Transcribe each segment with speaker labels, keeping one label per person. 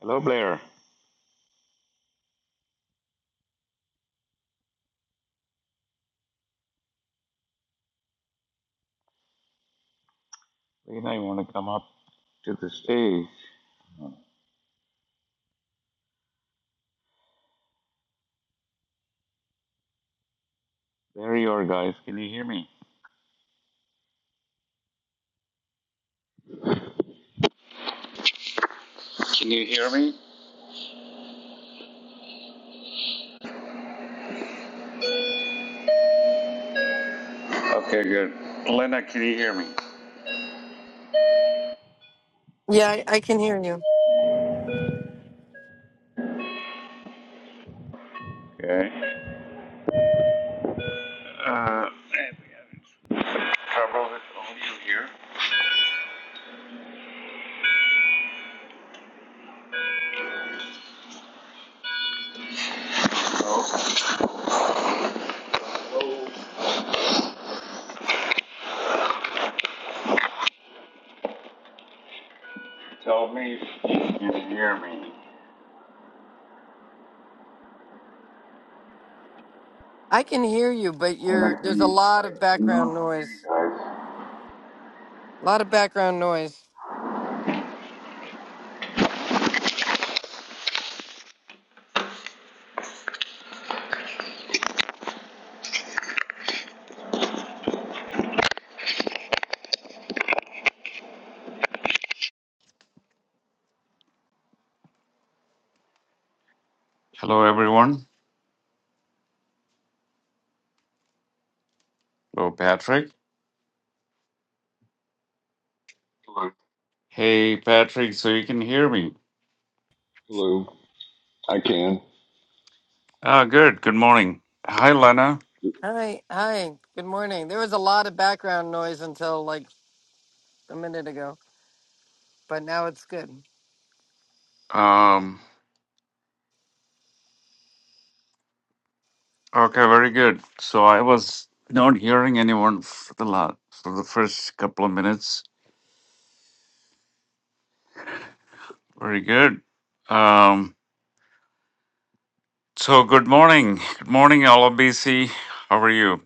Speaker 1: Hello, Blair. Lena, you want to come up to the stage? There you are, guys. Can you hear me? Can you hear me? Okay, good. Lena, can you hear me?
Speaker 2: Yeah, I, I can hear you.
Speaker 1: Okay. Uh, trouble with audio you here? So, so Tell me if you can hear me.
Speaker 2: I can hear you, but you're
Speaker 1: Lena, can
Speaker 2: there's a
Speaker 1: you?
Speaker 2: lot
Speaker 1: I
Speaker 2: of background
Speaker 1: cannot
Speaker 2: noise.
Speaker 1: hear you guys.
Speaker 2: A lot of background noise.
Speaker 1: Hello, everyone. Hello, Patrick. Hello. Hey, Patrick. So you can hear me?
Speaker 3: Hello, I can.
Speaker 1: Ah, good. Good morning. Hi, Lena.
Speaker 2: Hi, hi. Good morning. There was a lot of background noise until like a minute ago, but now it's good.
Speaker 1: Um. Okay, very good. So I was not hearing anyone for the last for the first couple of minutes. Very good. Um, so good morning, good morning, all of BC. How are you?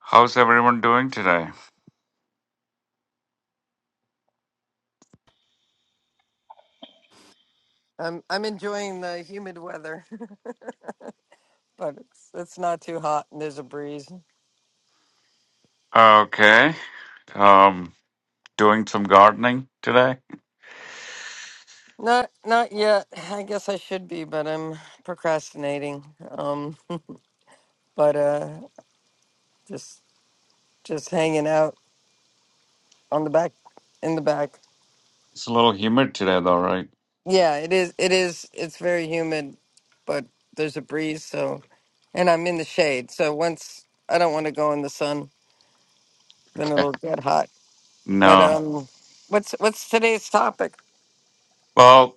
Speaker 1: How's everyone doing today?
Speaker 2: I'm I'm enjoying the humid weather, but it's it's not too hot and there's a breeze.
Speaker 1: Okay. Um, doing some gardening today.
Speaker 2: Not not yet. I guess I should be, but I'm procrastinating. Um, but uh, just just hanging out on the back in the back.
Speaker 1: It's a little humid today, though, right?
Speaker 2: Yeah, it is. It is. It's very humid, but there's a breeze. So, and I'm in the shade. So once I don't want to go in the sun, then
Speaker 1: Okay.
Speaker 2: it'll get hot. But
Speaker 1: No.
Speaker 2: um, what's what's today's topic?
Speaker 1: Well,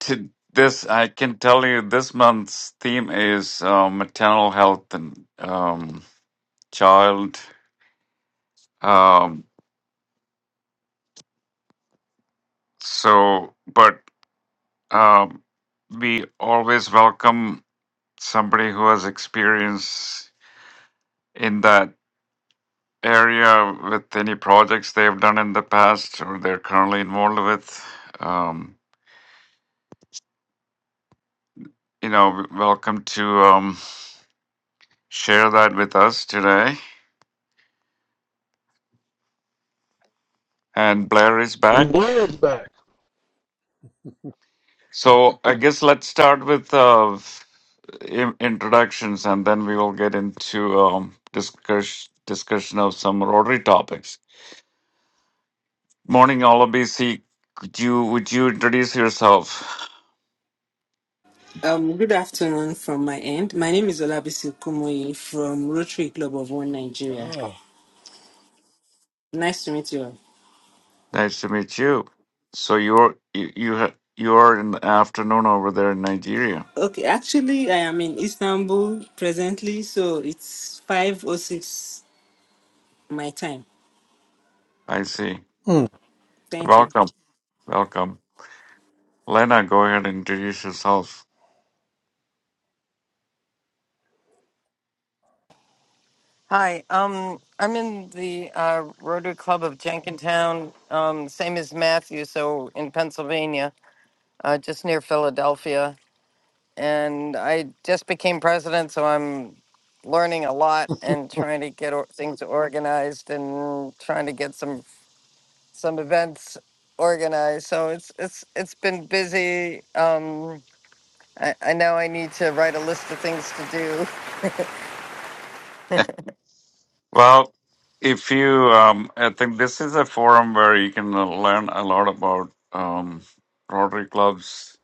Speaker 1: to this I can tell you this month's theme is uh, maternal health and um, child. Um, So, but um, we always welcome somebody who has experience in that area with any projects they've done in the past or they're currently involved with. Um, you know, w- welcome to um, share that with us today. And Blair is
Speaker 4: And
Speaker 1: back.
Speaker 4: Blair is back.
Speaker 1: So, I guess let's start with uh, in- introductions and then we will get into um, discuss- discussion of some Rotary topics. Morning, all of BC. Could you would you introduce yourself?
Speaker 5: Um, good afternoon from my end. My name is Olabisi Kumoyi from Rotary Club of One Nigeria.
Speaker 4: Oh,
Speaker 5: Nice to meet you. all.
Speaker 1: Nice to meet you. So you're you you ha- you are in the afternoon over there in Nigeria.
Speaker 5: Okay, actually, I am in Istanbul presently, so it's five or six my time.
Speaker 1: I see.
Speaker 4: Mm.
Speaker 5: Thank you.
Speaker 1: Welcome, welcome. Lena, go ahead and introduce yourself.
Speaker 2: Hi. Um, I'm in the uh, Rotary Club of Jenkintown, um, same as Matthew. So in Pennsylvania, uh, just near Philadelphia, and I just became president. So I'm learning a lot and trying to get or- things organized and trying to get some some events organized. So it's it's it's been busy. Um, I, I know I need to write a list of things to do.
Speaker 1: Well, if you, um, I think this is a forum where you can learn a lot about um, Rotary clubs.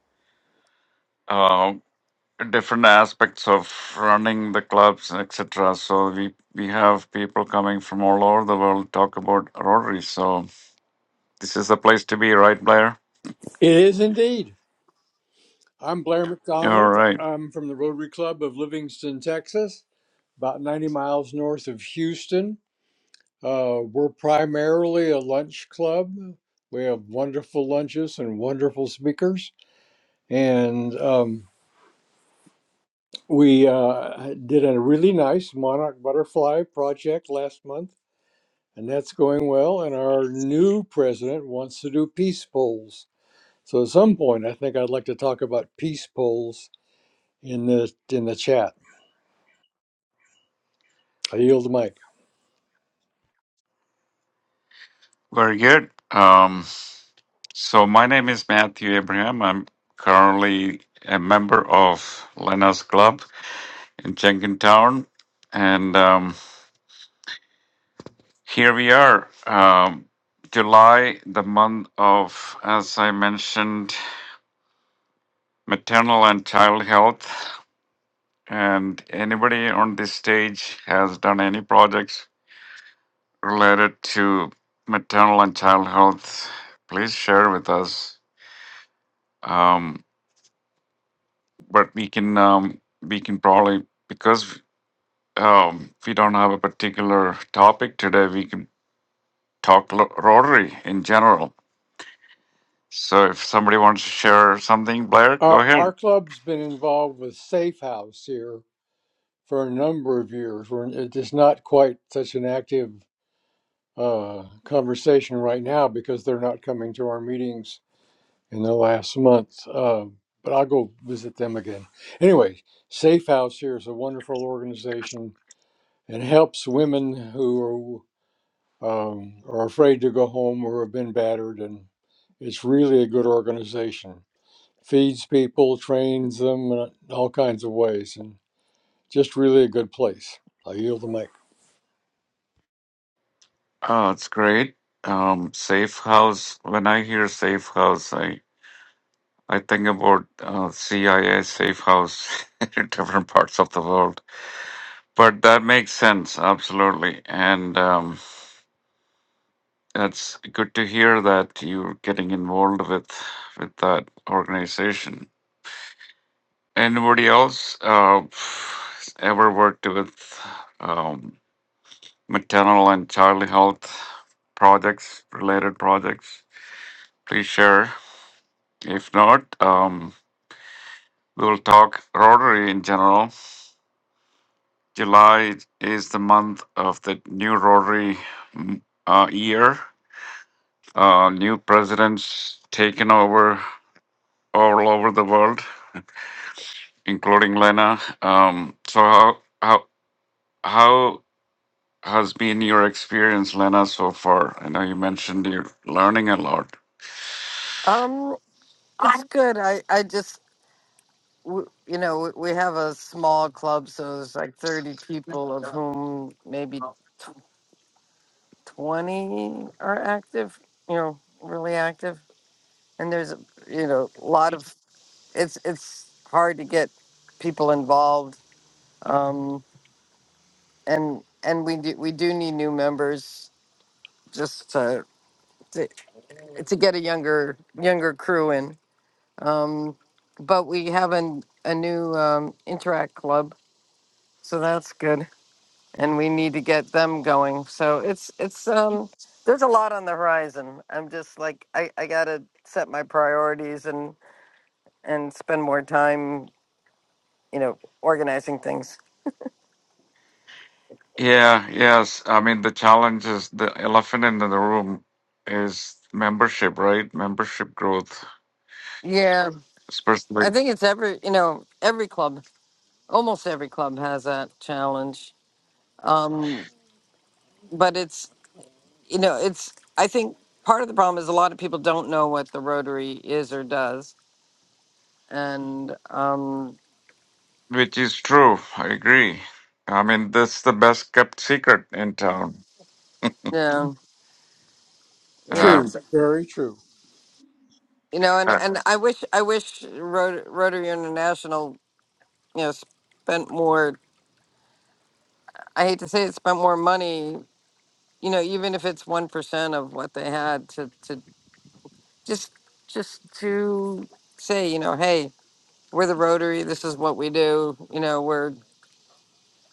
Speaker 1: uh, different aspects of running the clubs, etc. So we we have people coming from all over the world talk about Rotary. So this is the place to be, right, Blair?
Speaker 4: it is indeed. I'm Blair
Speaker 1: All
Speaker 4: McDonald.
Speaker 1: right,
Speaker 4: I'm from the Rotary Club of Livingston, Texas, about 90 miles north of Houston. Uh, we're primarily a lunch club. We have wonderful lunches and wonderful speakers. And um, we uh, did a really nice monarch butterfly project last month, and that's going well. And our new president wants to do peace polls. So at some point, I think I'd like to talk about peace polls in the in the chat. I yield the mic.
Speaker 1: very good. Um, so my name is Matthew Abraham. I'm currently a member of Lena's Club in Jenkintown, and um, here we are. Um, July, the month of, as I mentioned, maternal and child health. And anybody on this stage has done any projects related to maternal and child health, please share with us. Um, but we can um, we can probably because um, we don't have a particular topic today, we can talk lo- Rotary in general. So if somebody wants to share something, Blair, go
Speaker 4: Our our
Speaker 1: ahead.
Speaker 4: club's been involved with Safe House here for a number of years. We're, it is not quite such an active uh, conversation right now because they're not coming to our meetings in the last month. Uh, but I'll go visit them again. Anyway, Safe House here is a wonderful organization and helps women who um, are afraid to go home or have been battered. And it's really a good organization. Feeds people, trains them in all kinds of ways, and just really a good place. I yield the mic.
Speaker 1: Oh, it's great. Um, safe house. When I hear safe house, I I think about uh, CIA safe house in different parts of the world. But that makes sense, absolutely. And um, it's good to hear that you're getting involved with with that organization. Anybody else uh, ever worked with um, maternal and child health projects, related projects? Please share. If not, um, we'll talk Rotary in general July is the month of the new Rotary mm, uh, year. Uh, new presidents taken over all over the world, including Lena. Um, so how how how has been your experience, Lena, so far? I know you mentioned you're learning a lot.
Speaker 2: Um, it's good. I I just w- you know w- we have a small club, so there's like thirty people, of whom maybe tw- twenty are active. You know, really active. And there's you know a lot of it's it's hard to get people involved. Um, and and we do we do need new members just to, to to get a younger younger crew in. Um, but we have an, a new um, interact club, so that's good, and we need to get them going. So it's it's um, there's a lot on the horizon. I'm just like I, I gotta set my priorities and and spend more time, you know, organizing things.
Speaker 1: Yeah, yes. I mean, the challenge is the elephant in the room is membership, right? Membership growth,
Speaker 2: Yeah, I
Speaker 1: especially
Speaker 2: think it's every you know every club, almost every club has that challenge. Um, but it's you know, it's, I think part of the problem is a lot of people don't know what the Rotary is or does. And, um,
Speaker 1: Which is true. I agree. I mean, that's the best kept secret in town.
Speaker 2: yeah, yeah,
Speaker 1: Uh,
Speaker 4: True,
Speaker 2: it's-
Speaker 4: very true.
Speaker 2: you know, and, and I wish, I wish Rot- Rotary International, you know, spent more, I hate to say it, spent more money, you know, even if it's 1% of what they had to, to just, just to say, you know, hey, we're the Rotary, this is what we do, you know, we're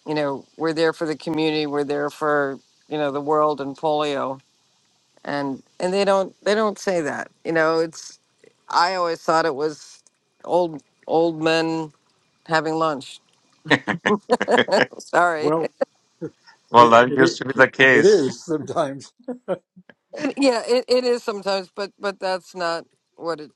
Speaker 2: you know we're there for the community we're there for you know the world and polio and and they don't they don't say that you know it's i always thought it was old old men having lunch sorry
Speaker 4: Well,
Speaker 1: well,
Speaker 4: it,
Speaker 1: that used
Speaker 4: it,
Speaker 1: to be
Speaker 4: it,
Speaker 1: the
Speaker 4: it
Speaker 1: case.
Speaker 4: is sometimes.
Speaker 2: it, yeah it, it is sometimes but but that's not what it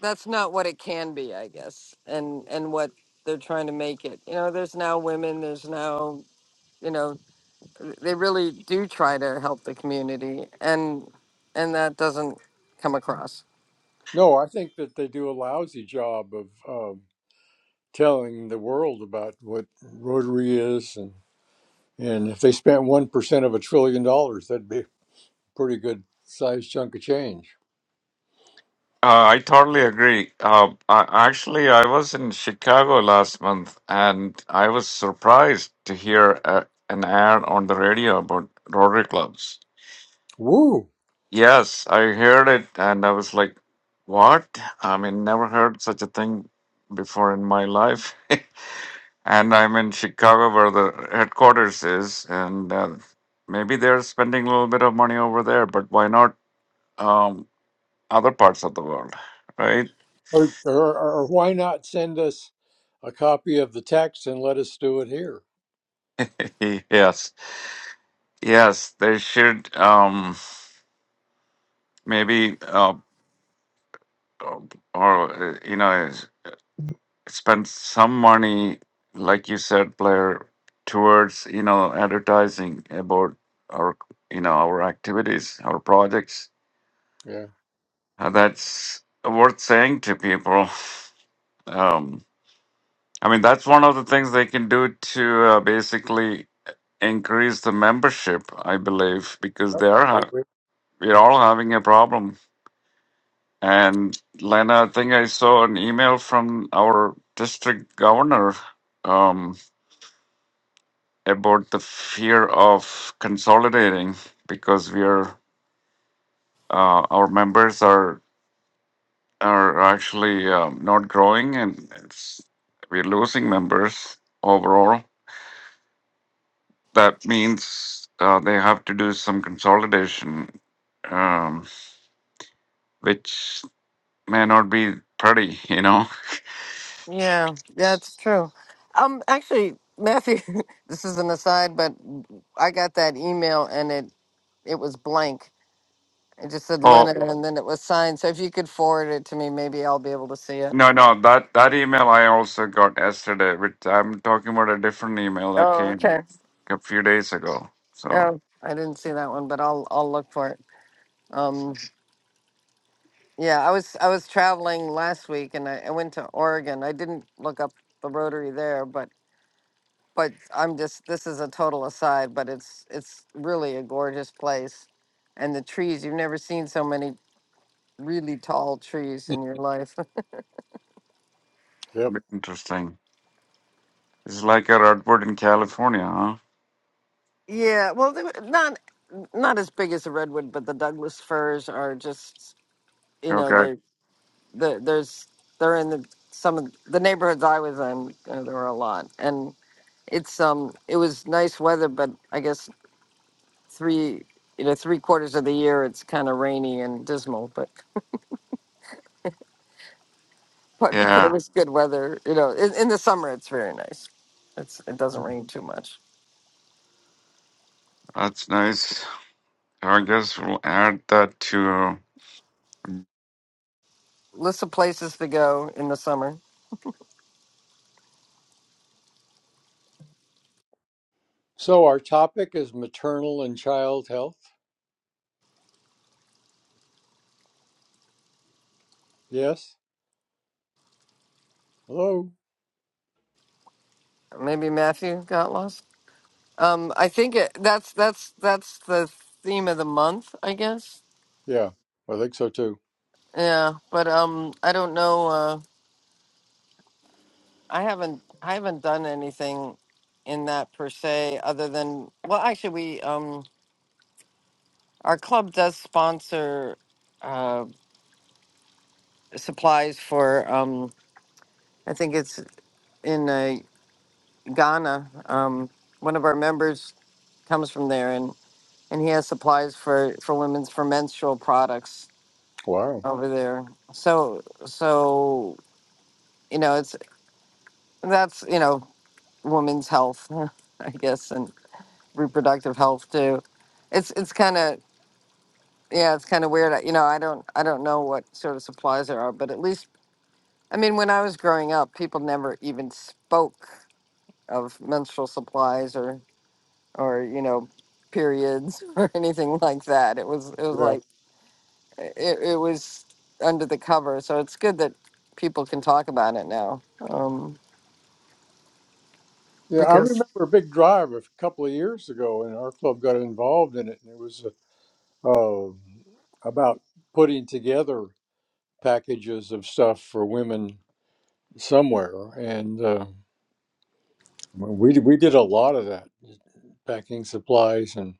Speaker 2: that's not what it can be i guess and and what they're trying to make it you know there's now women there's now you know they really do try to help the community and and that doesn't come across
Speaker 4: No, I think that they do a lousy job of um telling the world about what Rotary is. And, and if they spent 1% of a trillion dollars, that'd be a pretty good sized chunk of change.
Speaker 1: Uh, I totally agree. Uh, I, actually, I was in Chicago last month, and I was surprised to hear uh an ad on the radio about Rotary clubs.
Speaker 4: Woo!
Speaker 1: Yes, I heard it, and I was like, "What? I mean, never heard such a thing before in my life." and I'm in Chicago, where the headquarters is, and uh, maybe they're spending a little bit of money over there, but why not um, other parts of the world, right?
Speaker 4: Or, or, or why not send us a copy of the text and let us do it here?
Speaker 1: yes, yes, they should um, maybe uh, or uh, you know spend some money, like you said, Blair, towards you know advertising about our you know our activities, our projects.
Speaker 4: Yeah,
Speaker 1: Uh, that's worth saying to people. Um, I mean, that's one of the things they can do to uh, basically increase the membership, I believe, because they are
Speaker 4: I
Speaker 1: ha-
Speaker 4: agree.
Speaker 1: we're all having a problem. And Lena, I think I saw an email from our district governor um, about the fear of consolidating because we are uh, our members are are actually um, not growing and it's, we're losing members overall That means uh, they have to do some consolidation, um, which may not be pretty, you know.
Speaker 2: Yeah, that's true. Um, actually, Matthew, this is an aside, but I got that email and it it was blank. It just said
Speaker 1: Oh
Speaker 2: Lennon, and then it was signed. So if you could forward it to me, maybe I'll be able to see it.
Speaker 1: no, no, that that email I also got yesterday, which I'm talking about a different email that
Speaker 2: Oh,
Speaker 1: came
Speaker 2: okay.
Speaker 1: a few days ago. So
Speaker 2: Oh, I didn't see that one, but I'll I'll look for it. Um, yeah, I was I was traveling last week, and I, I went to Oregon. I didn't look up the Rotary there, but but I'm just this is a total aside, but it's it's really a gorgeous place, and the trees you've never seen so many really tall trees
Speaker 4: Hmm.
Speaker 2: in your life.
Speaker 4: Yep.
Speaker 1: bit interesting. It's like a redwood in California, huh?
Speaker 2: yeah, well, they were not not as big as a redwood, but the Douglas firs are just you know
Speaker 1: Okay.
Speaker 2: they're they're there's they're in the some of the neighborhoods I was in. You know, there were a lot, and it's um it was nice weather, but I guess three you know three quarters of the year it's kind of rainy and dismal, but. but but it
Speaker 1: Yeah,
Speaker 2: was good weather. You know, in, in the summer it's very nice. It's it doesn't
Speaker 4: Mm.
Speaker 2: rain too much.
Speaker 1: that's nice. So I guess we'll add that to
Speaker 2: List of places to go in the summer.
Speaker 4: So our topic is maternal and child health. Yes. Hello.
Speaker 2: Maybe Matthew got lost. Um, I think it, that's that's that's the theme of the month, I guess.
Speaker 4: Yeah, I think so too.
Speaker 2: Yeah, but um, I don't know. Uh, I haven't I haven't done anything in that per se, other than well, actually, we um, our club does sponsor uh, supplies for um, I think it's in uh, Ghana. Um, one of our members comes from there, and and he has supplies for for women's for menstrual products
Speaker 4: Wow.
Speaker 2: over there. So so you know it's that's you know women's health, I guess, and reproductive health too. It's it's kind of yeah, it's kind of weird. I- You know, I don't I don't know what sort of supplies there are, but at least I mean, when I was growing up, people never even spoke of menstrual supplies or you know periods or anything like that it was it was
Speaker 4: Yeah.
Speaker 2: like it, it was under the cover so it's good that people can talk about it now um
Speaker 4: Yeah, I
Speaker 2: because
Speaker 4: remember a big drive a couple of years ago, and our club got involved in it, and it was uh, oh, about putting together. packages of stuff for women somewhere, and uh, we we did a lot of that, packing supplies and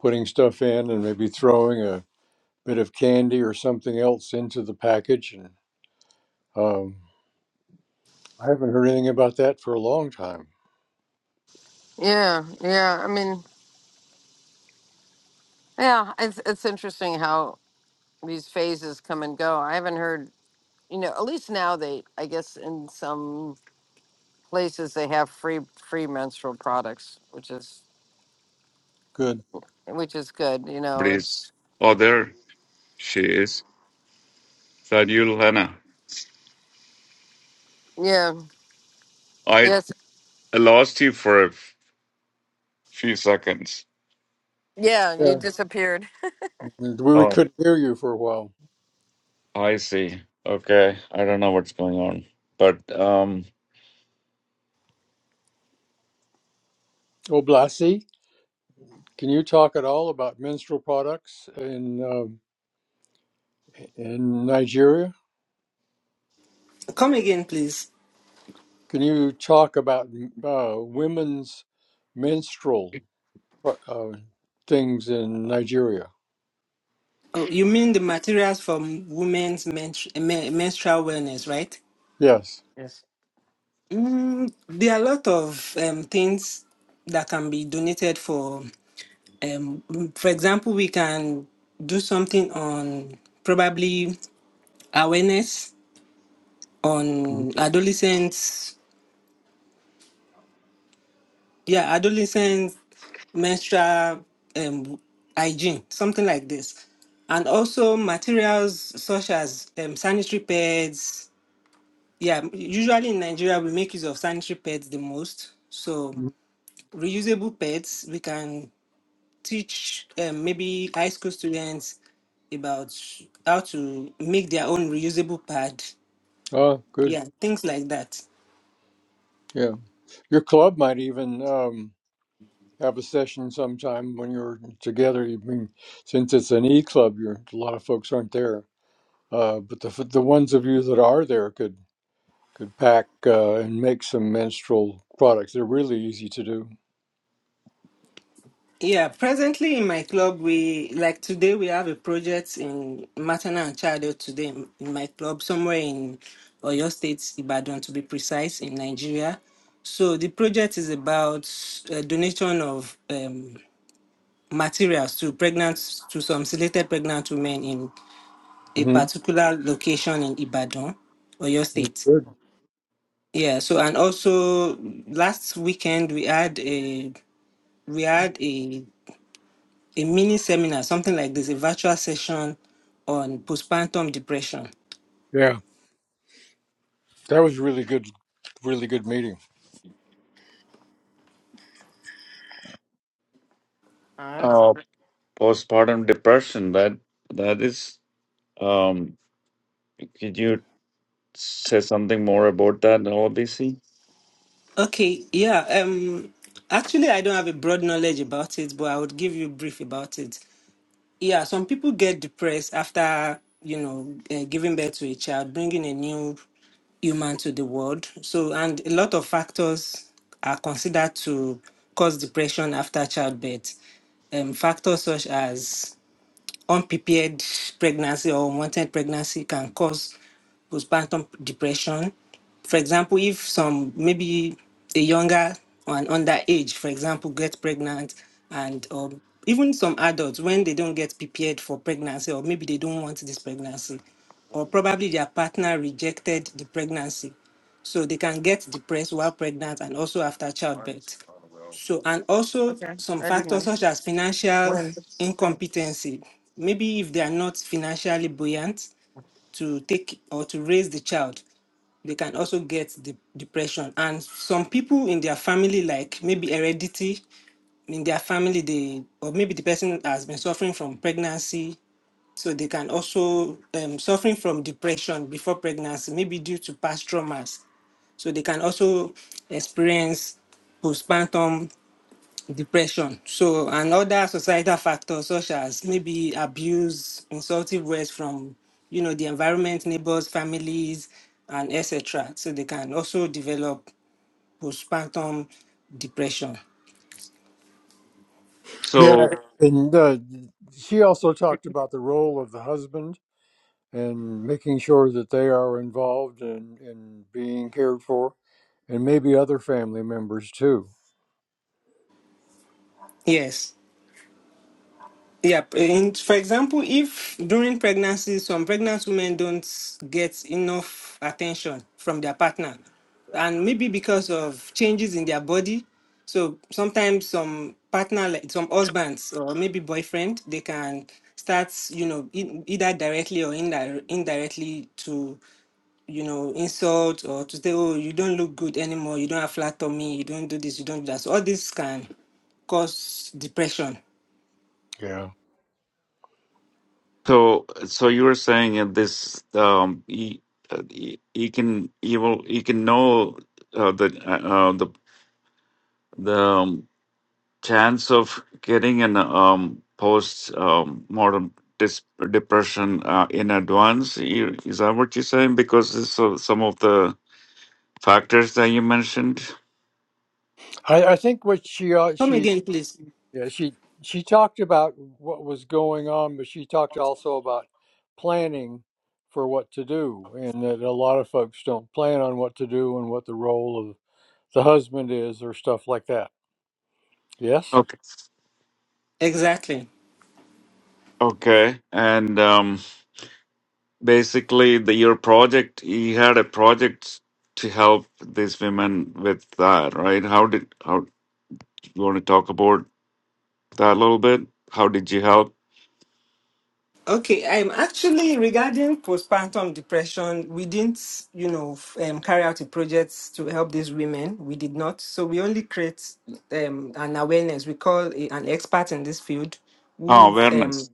Speaker 4: putting stuff in, and maybe throwing a bit of candy or something else into the package. And um, I haven't heard anything about that for a long time.
Speaker 2: yeah yeah i mean yeah it's it's interesting how these phases come and go i haven't heard you know at least now they i guess in some places they have free free menstrual products which is
Speaker 4: Good.
Speaker 2: which is good you know
Speaker 1: please.
Speaker 2: it's
Speaker 1: Oh, there she is. Is that you, Lena?
Speaker 2: yeah
Speaker 1: I
Speaker 2: yes
Speaker 1: I lost you for a f- few seconds.
Speaker 2: yeah you
Speaker 4: Yeah,
Speaker 2: disappeared
Speaker 4: we we
Speaker 1: Oh,
Speaker 4: couldn't hear you for a while.
Speaker 1: I see. Okay, I don't know what's going on, but um,
Speaker 4: Oh, Blasi, can you talk at all about menstrual products in um in Nigeria?
Speaker 5: Come again, please.
Speaker 4: Can you talk about uh, women's menstrual uh, things in Nigeria?
Speaker 5: Oh, you mean the materials from women's menstru- men- menstrual wellness, right?
Speaker 4: Yes.
Speaker 2: yes
Speaker 5: Mm, there are a lot of um, things that can be donated for um, for example, we can do something on probably awareness on adolescents, yeah, adolescent menstrual um, hygiene, something like this. And also materials such as um, sanitary pads. Yeah, usually in Nigeria, we make use of sanitary pads the most. So
Speaker 4: Mhm.
Speaker 5: reusable pads, we can teach um, maybe high school students about how to make their own reusable pad.
Speaker 4: Oh, good.
Speaker 5: Yeah, things like that.
Speaker 4: Yeah. Your club might even um, have a session sometime when you're together. I mean, since it's an e club, you're, a lot of folks aren't there. Uh, but the the ones of you that are there could could pack uh, and make some menstrual products. They're really easy to do.
Speaker 5: Yeah, presently in my club, we like today we have a project in maternal and child health today in, in my club, somewhere in Oyo State, Ibadan to be precise, in Nigeria. So the project is about uh, donation of um, materials to pregnant to some selected pregnant women in. a
Speaker 4: hmm
Speaker 5: particular location in Ibadan, or your State.
Speaker 4: Good.
Speaker 5: Yeah. So and also last weekend we had a we had a a mini seminar, something like this, a virtual session on postpartum depression.
Speaker 4: Yeah, that was really good. Really good meeting.
Speaker 2: Uh, that's
Speaker 1: uh, postpartum depression. That that is. Um, could you say something more about that, OBC?
Speaker 5: Okay. Yeah. Um. Actually, I don't have a broad knowledge about it, but I would give you brief about it. yeah, some people get depressed after, you know, uh, giving birth to a child, bringing a new human to the world. So, and a lot of factors are considered to cause depression after childbirth. Um, factors such as unprepared pregnancy or unwanted pregnancy can cause postpartum depression. For example, if some maybe a younger or an underage, for example, get pregnant and or even some adults when they don't get prepared for pregnancy or maybe they don't want this pregnancy or probably their partner rejected the pregnancy so they can get depressed while pregnant and also after childbirth so, and also
Speaker 2: Okay,
Speaker 5: some
Speaker 2: I didn't
Speaker 5: factors
Speaker 2: know.
Speaker 5: such as financial
Speaker 2: When?
Speaker 5: incompetency. Maybe if they are not financially buoyant to take or to raise the child, they can also get the depression. And some people in their family, like maybe heredity in their family, they or maybe the person has been suffering from pregnancy, so they can also um, suffering from depression before pregnancy, maybe due to past traumas. So they can also experience postpartum depression. So, and other societal factors such as maybe abuse, insultive words from, you know, the environment, neighbors, families, and etc. So they can also develop postpartum depression.
Speaker 1: So,
Speaker 4: Yeah, and uh, she also talked about the role of the husband and making sure that they are involved and in, in being cared for, and maybe other family members too.
Speaker 5: Yes. Yeah, and for example, if during pregnancy some pregnant women don't get enough attention from their partner, and maybe because of changes in their body, so sometimes some partner, like some husbands or maybe boyfriend, they can start, you know, e- either directly or indi- indirectly to, you know, insult or to say, oh, you don't look good anymore, you don't have flat tummy, you don't do this, you don't do that. So all this can cause depression.
Speaker 4: Yeah,
Speaker 1: so, so you were saying in this, um, he, uh, he, he can, he will, he can know uh, the, uh, uh, the, the. um, chance of getting an um, post um, mortem dis- depression uh, in advance? You- Is that what you're saying? Because this of some of the factors that you mentioned.
Speaker 4: I, I think what she uh,
Speaker 5: Come
Speaker 4: she
Speaker 5: again, please.
Speaker 4: yeah she she talked about what was going on, but she talked also about planning for what to do, and that a lot of folks don't plan on what to do and what the role of the husband is, or stuff like that. Yes,
Speaker 1: Okay.
Speaker 5: Exactly.
Speaker 1: Okay. And um, basically, the your project, you had a project to help these women with that, right? How did how you want to talk about that a little bit? How did you help?
Speaker 5: Okay, I'm actually regarding postpartum depression. We didn't, you know, f- um, carry out a project to help these women. We did not. So we only create um, an awareness. We call a, an expert in this field
Speaker 1: Oh,
Speaker 5: would
Speaker 1: awareness.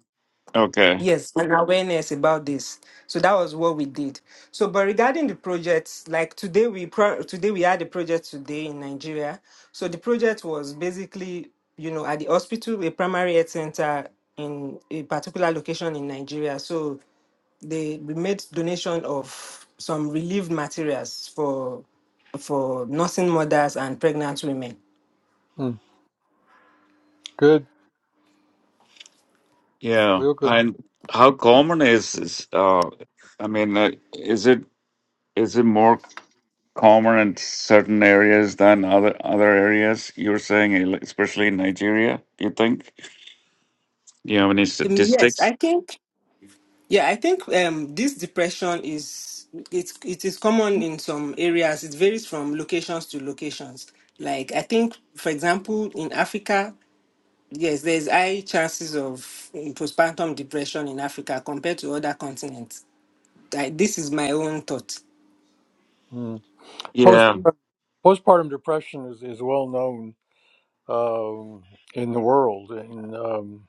Speaker 1: Okay.
Speaker 5: Yes, and awareness about this. So that was what we did. So, but regarding the projects, like today we pro- today we had a project today in Nigeria. So the project was basically, you know, at the hospital, a primary health center in a particular location in Nigeria. So they we made donation of some relief materials for for nursing mothers and pregnant women.
Speaker 4: mm, good,
Speaker 1: Yeah,
Speaker 4: real good.
Speaker 1: and how common is is uh I mean uh, is it is it more common in certain areas than other other areas? You're saying eh, like, especially in Nigeria, you think? Do you have any
Speaker 5: Um, Yes,
Speaker 1: statistics?
Speaker 5: I think. Yeah, I think um, this depression is it. it is common in some areas. It varies from locations to locations. Like I think, for example, in Africa, yes, there's high chances of eh, postpartum depression in Africa compared to other continents. I, this is my own thought.
Speaker 4: Mm.
Speaker 1: Yeah,
Speaker 4: Postpartum, postpartum depression is, is well known um, in the world, and, um,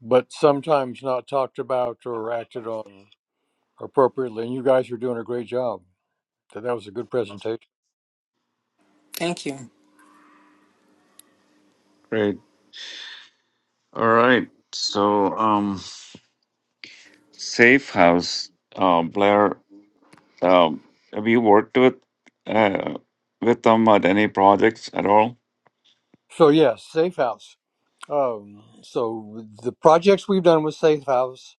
Speaker 4: but sometimes not talked about or acted on appropriately. And you guys are doing a great job. That, that was a good presentation.
Speaker 5: Thank you.
Speaker 1: great. All right. So, um Safe House, uh Blair, um have you worked with uh with them at any projects at all?
Speaker 4: So, yes, Safe House. Um, so, the projects we've done with Safe House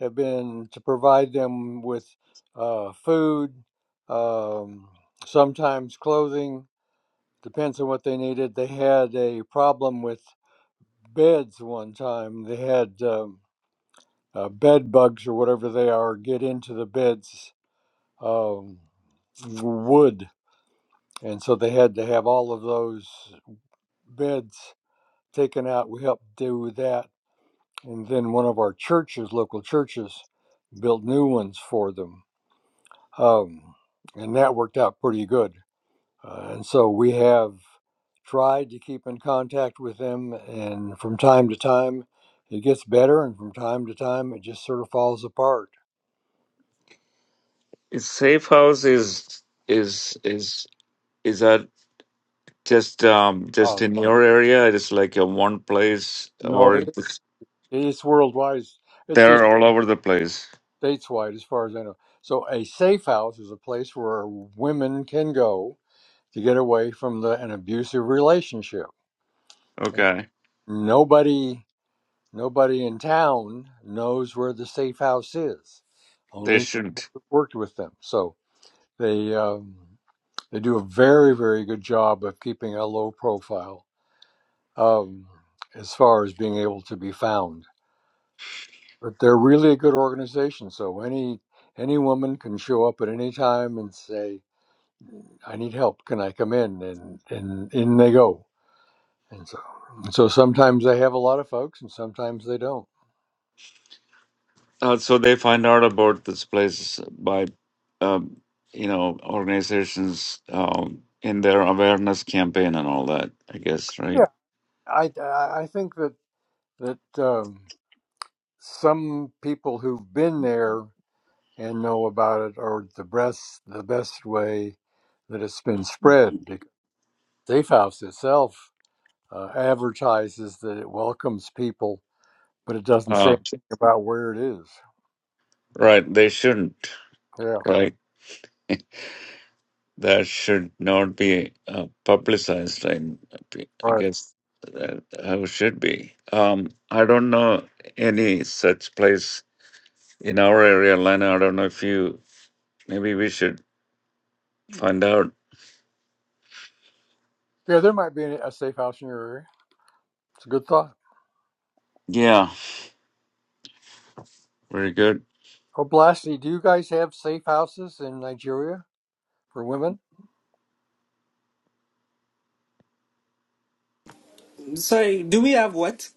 Speaker 4: have been to provide them with uh, food, um, sometimes clothing, depends on what they needed. They had a problem with beds one time. They had um, uh, bed bugs or whatever they are get into the beds um, wood, and so they had to have all of those beds taken out. We helped do that, and then one of our churches, local churches, built new ones for them, um, and that worked out pretty good. Uh, and so we have. tried to keep in contact with them, and from time to time it gets better, and from time to time it just sort of falls apart.
Speaker 1: Is Safe House is is is is that? Just um, just
Speaker 4: Oh,
Speaker 1: in your area, it is like a one place,
Speaker 4: No,
Speaker 1: or
Speaker 4: it,
Speaker 1: it's-
Speaker 4: it's worldwide. It's it's
Speaker 1: they're all over the place.
Speaker 4: stateswide, as far as I know. So a safe house is a place where women can go to get away from the, an abusive relationship. And
Speaker 1: Okay,
Speaker 4: nobody, nobody in town knows where the safe house is.
Speaker 1: they
Speaker 4: Only people
Speaker 1: shouldn't.
Speaker 4: who worked with them. So they. Um, They do a very, very good job of keeping a low profile um, as far as being able to be found. But they're really a good organization. So any any woman can show up at any time and say, "I need help. Can I come in?" And and in they go. And so and so sometimes they have a lot of folks, and sometimes they don't.
Speaker 1: Uh, so they find out about this place by, um, you know, organizations um, in their awareness campaign and all that. I guess, right?
Speaker 4: Yeah, I I I think that that um, some people who've been there and know about it or the best the best way that it's been spread. Because Safe House itself uh, advertises that it welcomes people, but it doesn't say
Speaker 1: Uh,
Speaker 4: anything about where it is.
Speaker 1: right. They shouldn't.
Speaker 4: Yeah,
Speaker 1: Right. That should not be uh, publicized. I, I
Speaker 4: right.
Speaker 1: guess that how it should be. Um, I don't know any such place in our area, Lana. I don't know if you maybe we should find out.
Speaker 4: Yeah, there might be a safe house in your area. It's a good thought.
Speaker 1: Yeah, very good.
Speaker 4: Oh, Blasty, do you guys have safe houses in Nigeria for women?
Speaker 5: Sorry, do we have what?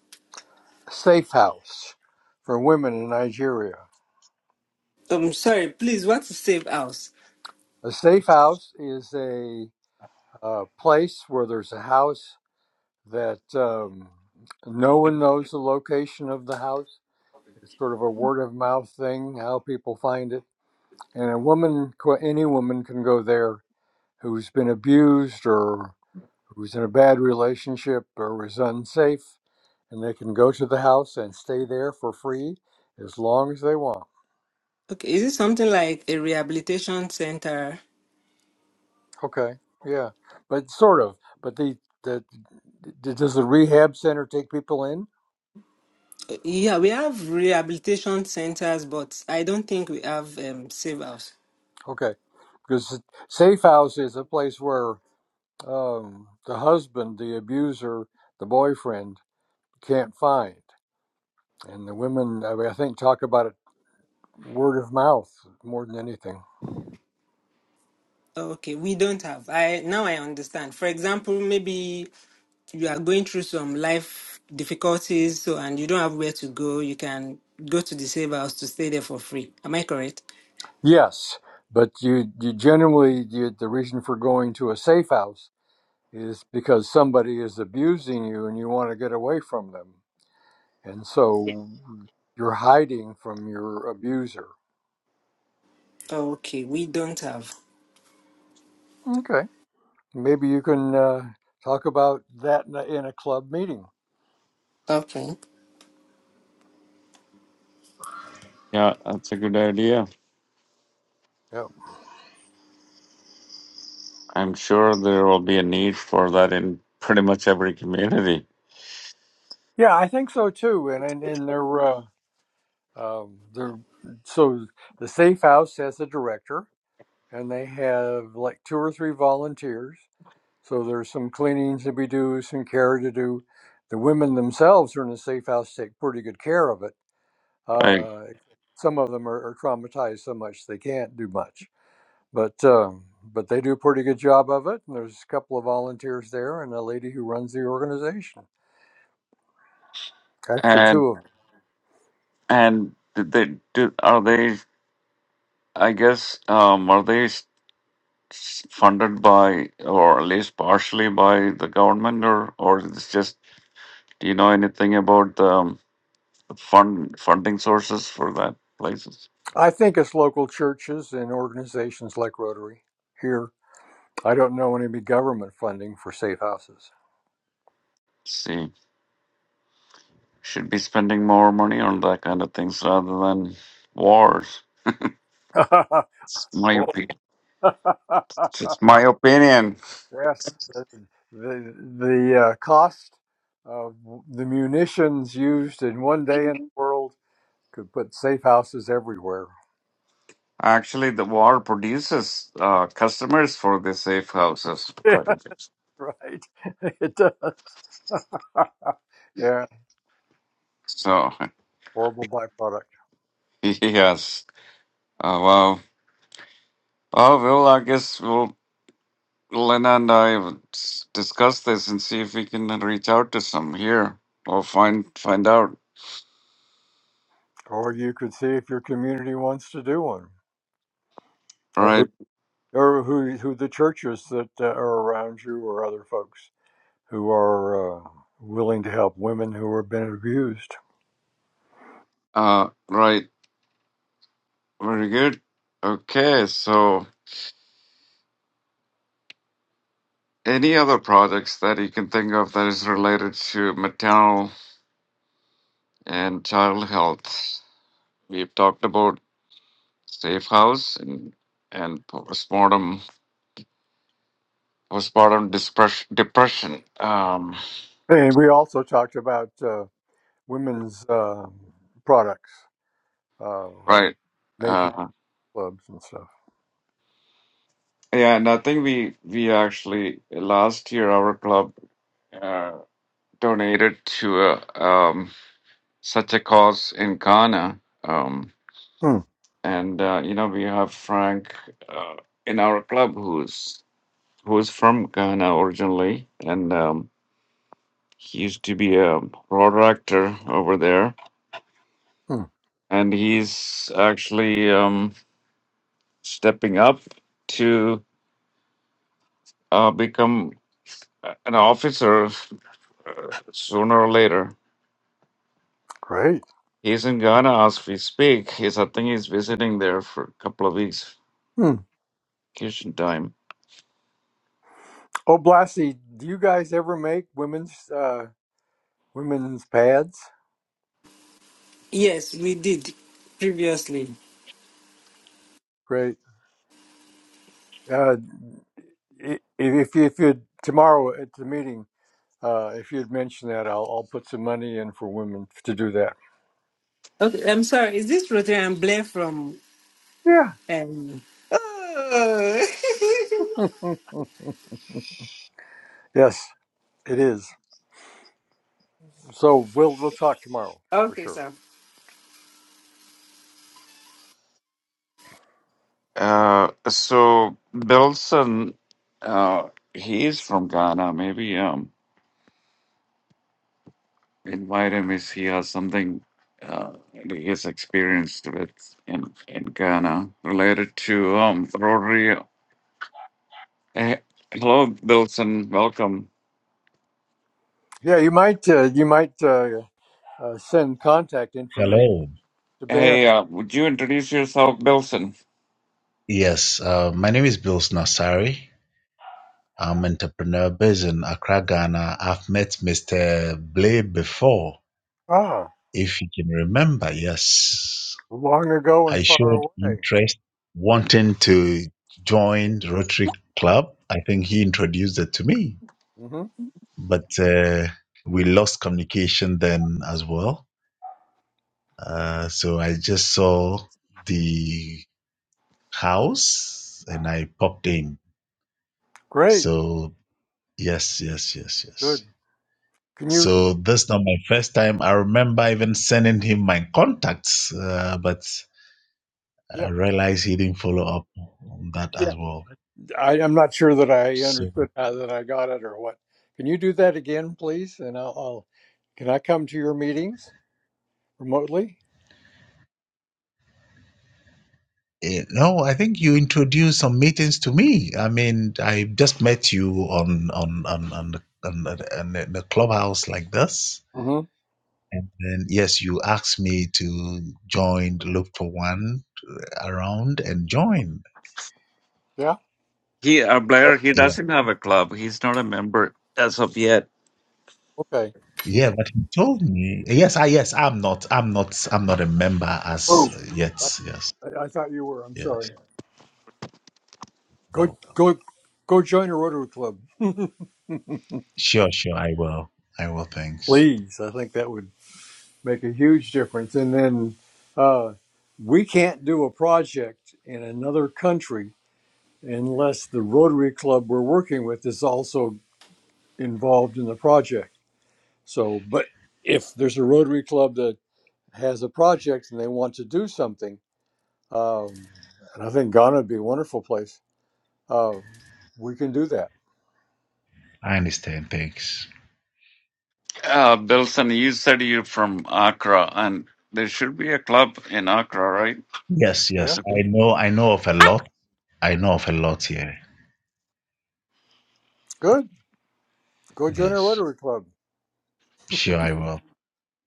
Speaker 4: Safe house for women in Nigeria.
Speaker 5: Um, sorry, please. What's a safe house?
Speaker 4: A safe house is a, uh place where there's a house that um, no one knows the location of the house. It's sort of a word of mouth thing, how people find it. And a woman, qu- any woman can go there who's been abused or who's in a bad relationship or is unsafe, and they can go to the house and stay there for free as long as they want.
Speaker 5: Okay, is it something like a rehabilitation center?
Speaker 4: Okay, yeah, but sort of. But the, the, d does the rehab center take people in?
Speaker 5: Yeah, we have rehabilitation centers, but I don't think we have um, safe house.
Speaker 4: Okay, because safe house is a place where um, the husband, the abuser, the boyfriend can't find. And the women, I, mean, I think, talk about it word of mouth more than anything.
Speaker 5: Okay, we don't have. I now I understand. For example, maybe you are going through some life difficulties, so and you don't have where to go, you can go to the safe house to stay there for free. Am I correct?
Speaker 4: Yes, but you, you generally, you, the reason for going to a safe house is because somebody is abusing you and you want to get away from them. And so you're hiding from your abuser.
Speaker 5: Okay, we don't have.
Speaker 4: Okay. Maybe you can uh, talk about that in a, in a club meeting.
Speaker 5: Okay.
Speaker 1: Yeah, that's a good idea.
Speaker 4: Yeah.
Speaker 1: I'm sure there will be a need for that in pretty much every community,
Speaker 4: Yeah, I think so too. And and, and they're uh, um, they're so the safe house has a director, and they have like two or three volunteers. So there's some cleaning to be due, some care to do. The women themselves are in the safe house take pretty good care of it.
Speaker 1: right?
Speaker 4: Uh, some of them are, are traumatized so much they can't do much, but um, but they do a pretty good job of it. And there's a couple of volunteers there, and a lady who runs the organization. Actually, two
Speaker 1: And
Speaker 4: of them.
Speaker 1: and did they do are they? I guess um, are they s- s- funded by or at least partially by the government, or or it's just do you know anything about the um, fund funding sources for that places?
Speaker 4: I think it's local churches and organizations like Rotary here. I don't know any government funding for safe houses.
Speaker 1: See. Should be spending more money on that kind of things rather than wars. It's my
Speaker 4: Boy.
Speaker 1: opinion. It's my opinion.
Speaker 4: yes, the the, the uh, cost of the munitions used in one day in the world could put safe houses everywhere.
Speaker 1: Actually, the war produces uh, customers for the safe houses
Speaker 4: Yeah,
Speaker 1: quite a bit.
Speaker 4: right. It does. yeah,
Speaker 1: So
Speaker 4: horrible byproduct.
Speaker 1: yes, uh, well, oh well, I guess we'll Lena and I will s- discuss this and see if we can reach out to some here or find find out.
Speaker 4: Or you could see if your community wants to do one, or who.
Speaker 1: Right,
Speaker 4: or who who the churches that uh, are around you or other folks who are uh, willing to help women who have been abused.
Speaker 1: uh, right, very good. Okay, so. Any other projects that you can think of that is related to maternal and child health? We've talked about safe house and and postpartum postpartum depression. depression. Um,
Speaker 4: And we also talked about uh, women's uh, products, uh,
Speaker 1: right.
Speaker 4: making
Speaker 1: Uh,
Speaker 4: clubs and stuff.
Speaker 1: yeah, and I think we we actually last year our club uh, donated to a, um, such a cause in Ghana. Um,
Speaker 4: Hmm.
Speaker 1: and uh, you know we have Frank uh, in our club who's who is from Ghana originally, and um, he used to be a road actor over there,
Speaker 4: Hmm.
Speaker 1: and he's actually um, stepping up to uh, become an officer sooner or later.
Speaker 4: Great.
Speaker 1: He's in Ghana as we speak. He's, I think, he's visiting there for a couple of weeks
Speaker 4: Hmm.
Speaker 1: vacation time.
Speaker 4: Oh, Blassie, do you guys ever make women's uh, women's pads?
Speaker 5: Yes, we did previously.
Speaker 4: Great. Uh, i- if if you, if you tomorrow at the meeting Uh, if you'd mentioned that, I'll, I'll put some money in for women to do that.
Speaker 5: Okay, I'm sorry. Is this Rotary Blair from?
Speaker 4: Yeah.
Speaker 5: Um... Oh.
Speaker 4: Yes, it is. So we'll we'll talk tomorrow for
Speaker 5: okay,
Speaker 4: sure.
Speaker 5: sir.
Speaker 1: Uh, so Belson, uh, he's from Ghana, maybe. Um, invite him if he has something uh, that he has experienced with in, in Ghana related to um, Rotary. Hey, hello, Bilson. Welcome.
Speaker 4: Yeah, you might uh, you might uh, uh, send contact information
Speaker 6: Hello.
Speaker 4: to Ben.
Speaker 1: Hey, uh, would you introduce yourself, Bilson?
Speaker 6: Yes, uh, my name is Bill Nassari. I'm an entrepreneur based in Accra, Ghana. I've met Mr. Blay before,
Speaker 4: Ah,
Speaker 6: if you can remember. Yes,
Speaker 4: long ago and
Speaker 6: I
Speaker 4: far
Speaker 6: showed
Speaker 4: away.
Speaker 6: interest wanting to join Rotary Club. I think he introduced it to me,
Speaker 4: hmm
Speaker 6: but uh, we lost communication then as well. Uh, so I just saw the house and I popped in.
Speaker 4: Great,
Speaker 6: So Yes, yes, yes,
Speaker 4: good.
Speaker 6: yes.
Speaker 4: Can you?
Speaker 6: So that's not my first time. I remember even sending him my contacts, uh, but I
Speaker 4: Yeah,
Speaker 6: realized he didn't follow up on that
Speaker 4: yeah.
Speaker 6: as well.
Speaker 4: I, I'm not sure that I
Speaker 6: So
Speaker 4: understood how that I got it or what. Can you do that again, please? And I'll. I'll can I come to your meetings remotely?
Speaker 6: eh, no, I think you introduced some meetings to me. I mean, I just met you on on on on the, on the, on the the clubhouse like this.
Speaker 4: hmm
Speaker 6: And yes, you asked me to join, look for one around and join.
Speaker 4: Yeah.
Speaker 1: He, uh, Blair, he doesn't have a club. He's not a member as of yet.
Speaker 4: Okay.
Speaker 6: Yeah, but he told me. Yes, I yes, I'm not. I'm not. I'm not a member
Speaker 4: Oh,
Speaker 6: as yet.
Speaker 4: I,
Speaker 6: Yes,
Speaker 4: I I thought you were. I'm sorry.
Speaker 6: yes.
Speaker 4: Go
Speaker 6: No.
Speaker 4: go go join a Rotary Club,
Speaker 6: Sure, sure. I will. I will. Thanks.
Speaker 4: please. I think that would make a huge difference. And then uh, we can't do a project in another country unless the Rotary Club we're working with is also involved in the project. So, but if there's a Rotary Club that has a project and they want to do something, um, and I think Ghana would be a wonderful place. Uh, we can do that.
Speaker 6: I understand. Thanks.
Speaker 1: Uh, Bilson, you said you're from Accra, and there should be a club in Accra, right?
Speaker 6: Yes, yes.
Speaker 4: Yeah,
Speaker 1: Okay.
Speaker 6: I know. I know of a lot. I know of a lot here.
Speaker 4: good. Go join our
Speaker 6: Yes.
Speaker 4: Rotary Club,
Speaker 6: Sure, I will.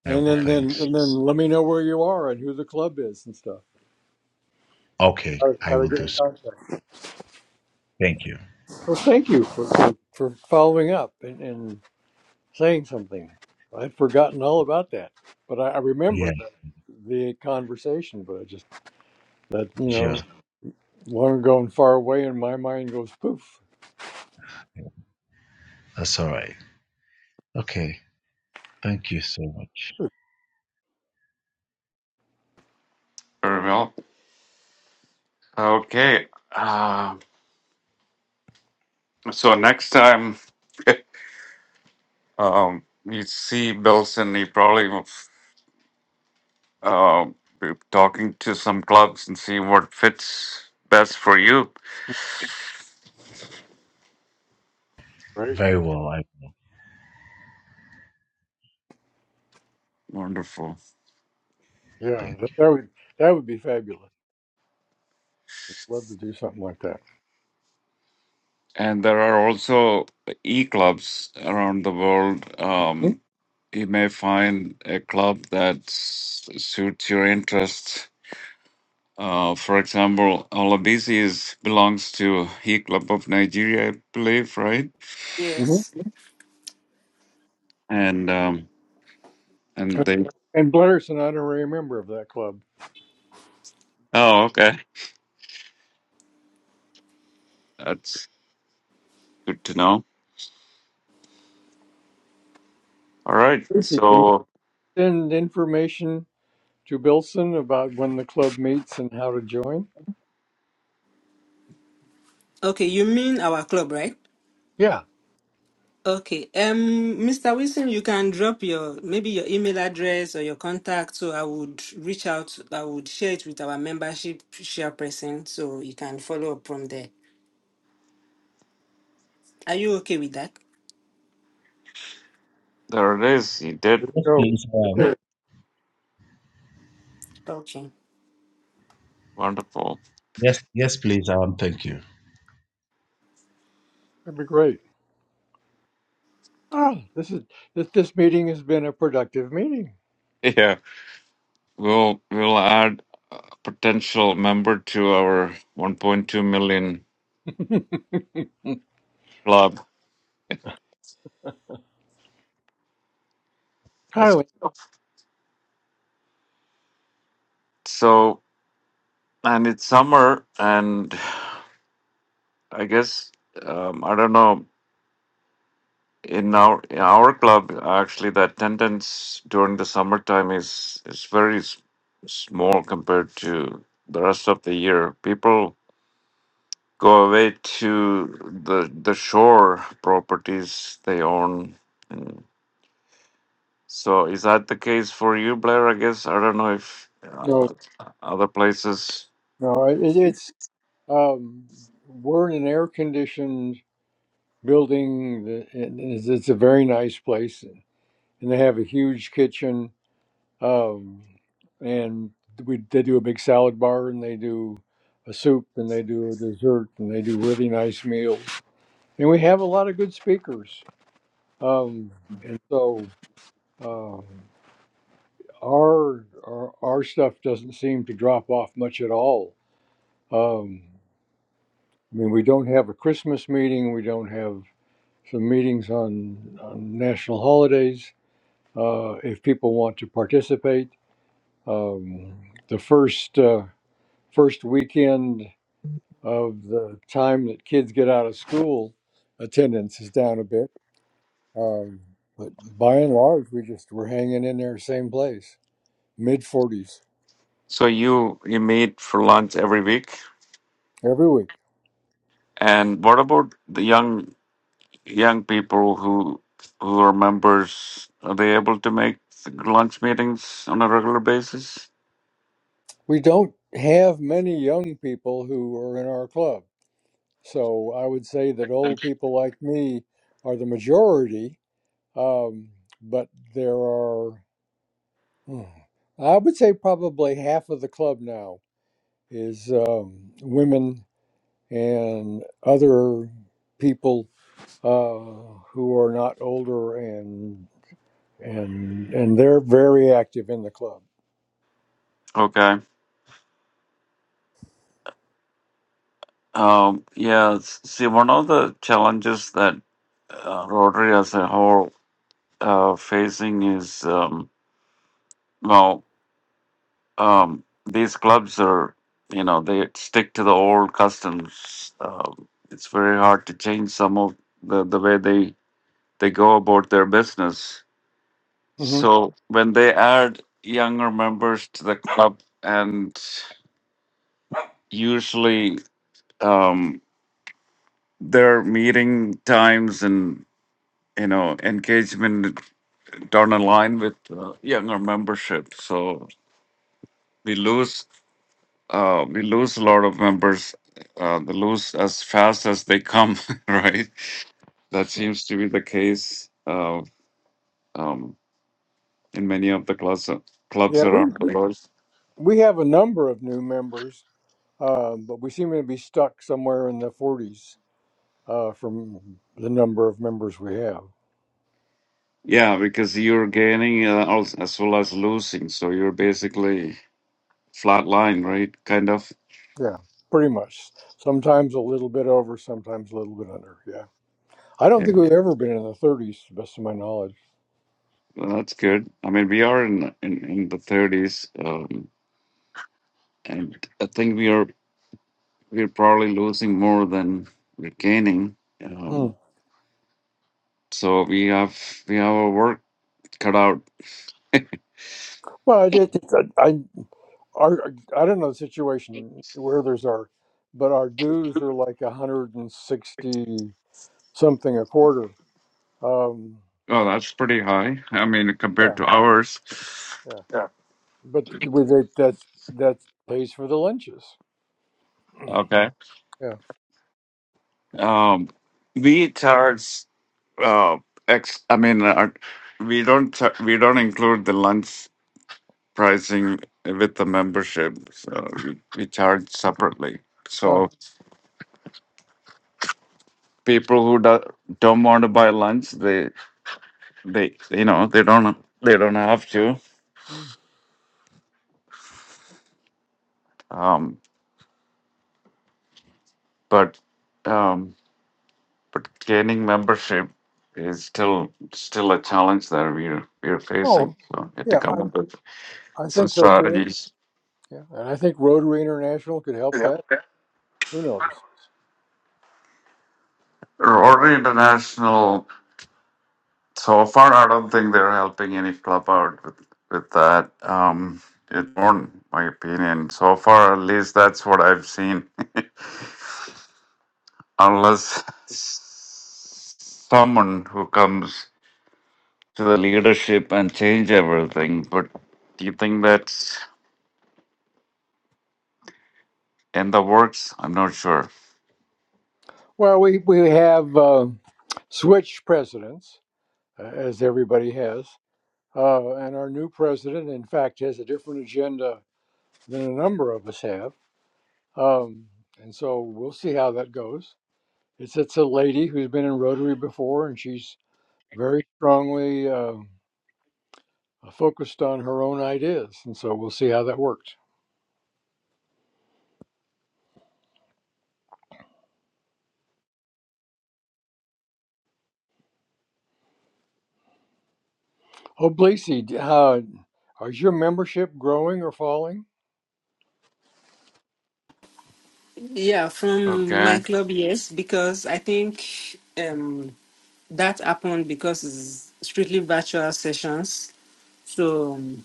Speaker 6: I
Speaker 4: and
Speaker 6: will.
Speaker 4: then then
Speaker 6: Thanks.
Speaker 4: and then let me know where you are and who the club is and stuff.
Speaker 6: Okay,
Speaker 4: How,
Speaker 6: I
Speaker 4: how to
Speaker 6: will
Speaker 4: get
Speaker 6: do
Speaker 4: in
Speaker 6: so.
Speaker 4: contact.
Speaker 6: Thank you.
Speaker 4: Well, thank you for for, for following up and, and saying something. I'd forgotten all about that, but I, I remember
Speaker 6: Yeah,
Speaker 4: the, the conversation. But I just that you know
Speaker 6: sure.
Speaker 4: long ago and far away, and my mind goes poof.
Speaker 6: That's all right. Okay. Thank you so much.
Speaker 1: Very well. Okay. Uh, so next time. Um, you see Belson, he probably uh, talking to some clubs and see what fits best for you.
Speaker 4: Right?
Speaker 6: Very well. I
Speaker 1: Wonderful.
Speaker 4: Yeah,
Speaker 6: think.
Speaker 4: that, that would that would be fabulous. Love to do something like that.
Speaker 1: And there are also e clubs around the world. Um, you may find a club that s- suits your interests. Uh, for example, Olabisi is belongs to E Club of Nigeria, I believe, right?
Speaker 4: Mm-hmm.
Speaker 5: Yes.
Speaker 1: And um, and they.
Speaker 4: And Blair's an honorary member of that club.
Speaker 1: Oh, okay. That's good to know All right,
Speaker 4: Lucy, can
Speaker 1: so
Speaker 4: send information to Bilson about when the club meets and how to join?
Speaker 5: Okay, you mean our club, right?
Speaker 4: Yeah.
Speaker 5: Okay. Um, Mr. Wilson, you can drop your maybe your email address or your contact, so I would reach out. I would share it with our membership chairperson, so you can follow up from there. Are you okay with that?
Speaker 1: there it is. He did
Speaker 4: There you
Speaker 6: Yes,
Speaker 4: Go.
Speaker 6: please.
Speaker 4: Right
Speaker 6: Um.
Speaker 4: there.
Speaker 5: Okay.
Speaker 1: wonderful.
Speaker 6: Yes, yes, please. Um. Thank you.
Speaker 4: That'd be great. Ah, this is this, this meeting has been a productive meeting.
Speaker 1: Yeah, we'll we'll add a potential member to our 1.2 million club. That's
Speaker 4: Kylie.
Speaker 1: so, and it's summer, and I guess um, I don't know. In our in our club, actually, the attendance during the summertime is is very s- small compared to the rest of the year. People go away to the the shore properties they own. And so, is that the case for you, Blair? I guess I don't know if uh,
Speaker 4: No,
Speaker 1: other places.
Speaker 4: no, it, it's um, we're in an air-conditioned building. that- and It's, it's a very nice place, and they have a huge kitchen. Um, and we they do a big salad bar, and they do a soup, and they do a dessert, and they do really nice meals. And we have a lot of good speakers. Um, and so um, our, our our stuff doesn't seem to drop off much at all. Um, I mean, we don't have a Christmas meeting. We don't have some meetings on, on national holidays. Uh, if people want to participate, um, the first. Uh, first weekend of the time that kids get out of school, attendance is down a bit. Um, but by and large, we just we're hanging in there, same place, mid 40s
Speaker 1: So you you meet for lunch every week,
Speaker 4: every week.
Speaker 1: and what about the young young people who who are members? Are they able to make lunch meetings on a regular basis?
Speaker 4: We don't have many young people who are in our club, so I would say that old people like me are the majority. Um, but there are, hmm, I would say, probably half of the club now is um, women and other people uh, who are not older and and and they're very active in the club.
Speaker 1: Okay. Um, yeah. s- See, one of the challenges that uh, Rotary as a whole uh, facing is um, well, um, these clubs are you know they stick to the old customs. Um it's very hard to change some of the the way they they go about their business.
Speaker 4: hmm
Speaker 1: So when they add younger members to the club, and usually um, their meeting times and you know engagement don't align with uh, younger membership, so we lose uh, we lose a lot of members. Uh, they lose as fast as they come, right? That seems to be the case uh, um, in many of the clubs uh, clubs
Speaker 4: Yeah, we
Speaker 1: around the world.
Speaker 4: we have a number of new members, uh, but we seem to be stuck somewhere in the forties uh, from the number of members we have.
Speaker 1: Yeah, because you're gaining uh, als- as well as losing, so you're basically flat line, right? Kind of.
Speaker 4: Yeah, pretty much. Sometimes a little bit over, sometimes a little bit under. Yeah, I don't
Speaker 1: Yeah,
Speaker 4: think we've ever been in the thirties, to the best of my knowledge.
Speaker 1: well, that's good. I mean, we are in in, in the 30s, um, and I think we are we're probably losing more than we're gaining. Um,
Speaker 4: Hmm.
Speaker 1: So we have we have our work cut out.
Speaker 4: Well, I, just, I, our I don't know the situation where theirs are, but our dues are like a hundred and sixty something a quarter. Um,
Speaker 1: Oh, that's pretty high. I mean,
Speaker 4: yeah,
Speaker 1: compared to ours.
Speaker 4: yeah.
Speaker 1: Yeah.
Speaker 4: But with it, that's that pays for the lunches.
Speaker 1: Okay.
Speaker 4: Yeah.
Speaker 1: Um, we charge uh ex. I mean, uh, we don't cha- we don't include the lunch pricing with the membership. So we, we charge separately.
Speaker 4: Huh.
Speaker 1: So people who do, don't want to buy lunch, they they you know they don't they don't have to.
Speaker 4: Mm.
Speaker 1: Um, but um but gaining membership is still still a challenge that we're we're facing.
Speaker 4: Oh,
Speaker 1: So we have to
Speaker 4: yeah.
Speaker 1: come up
Speaker 4: I
Speaker 1: with
Speaker 4: I
Speaker 1: some
Speaker 4: think so too.
Speaker 1: strategies.
Speaker 4: Yeah, and I think Rotary International could help
Speaker 1: Yeah.
Speaker 4: that.
Speaker 1: Okay.
Speaker 4: Who knows?
Speaker 1: Rotary International. So far, I don't think they're helping any club out with with that. Um, it's more my opinion. So far, at least that's what I've seen. Unless someone who comes to the leadership and change everything, but do you think that's? in the works. I'm not sure.
Speaker 4: Well, we we have uh, switched presidents, uh, as everybody has, uh, and our new president, in fact, has a different agenda than a number of us have. Um, and so we'll see how that goes. It's it's a lady who's been in Rotary before, and she's very strongly um, uh, focused on her own ideas. And so we'll see how that works. Oh, Blacy, d- uh, is your membership growing or falling?
Speaker 5: Yeah, from my
Speaker 1: Okay.
Speaker 5: club, yes, because I think um that happened because it's strictly virtual sessions. So, um,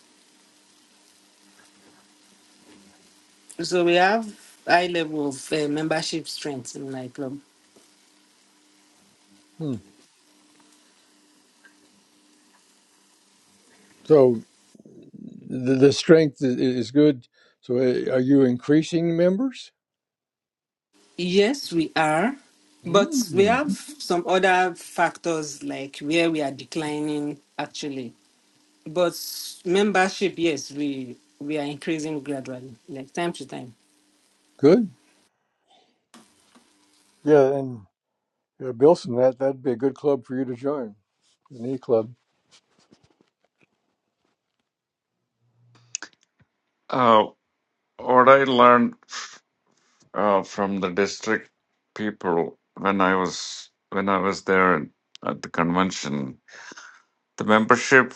Speaker 5: so we have high level of uh, membership strength in my club.
Speaker 4: Hmm. So the, the strength i- is good. So uh, are you increasing members?
Speaker 5: Yes, we are. But we have
Speaker 4: Mm,
Speaker 5: some other factors like where we are declining actually. But membership, yes, we we are increasing gradually, like time to time.
Speaker 4: good. Yeah, and uh, Bilson, that that'd be a good club for you to join. An e club.
Speaker 1: Uh, what I learned uh, from the district people when I was when I was there at the convention, the membership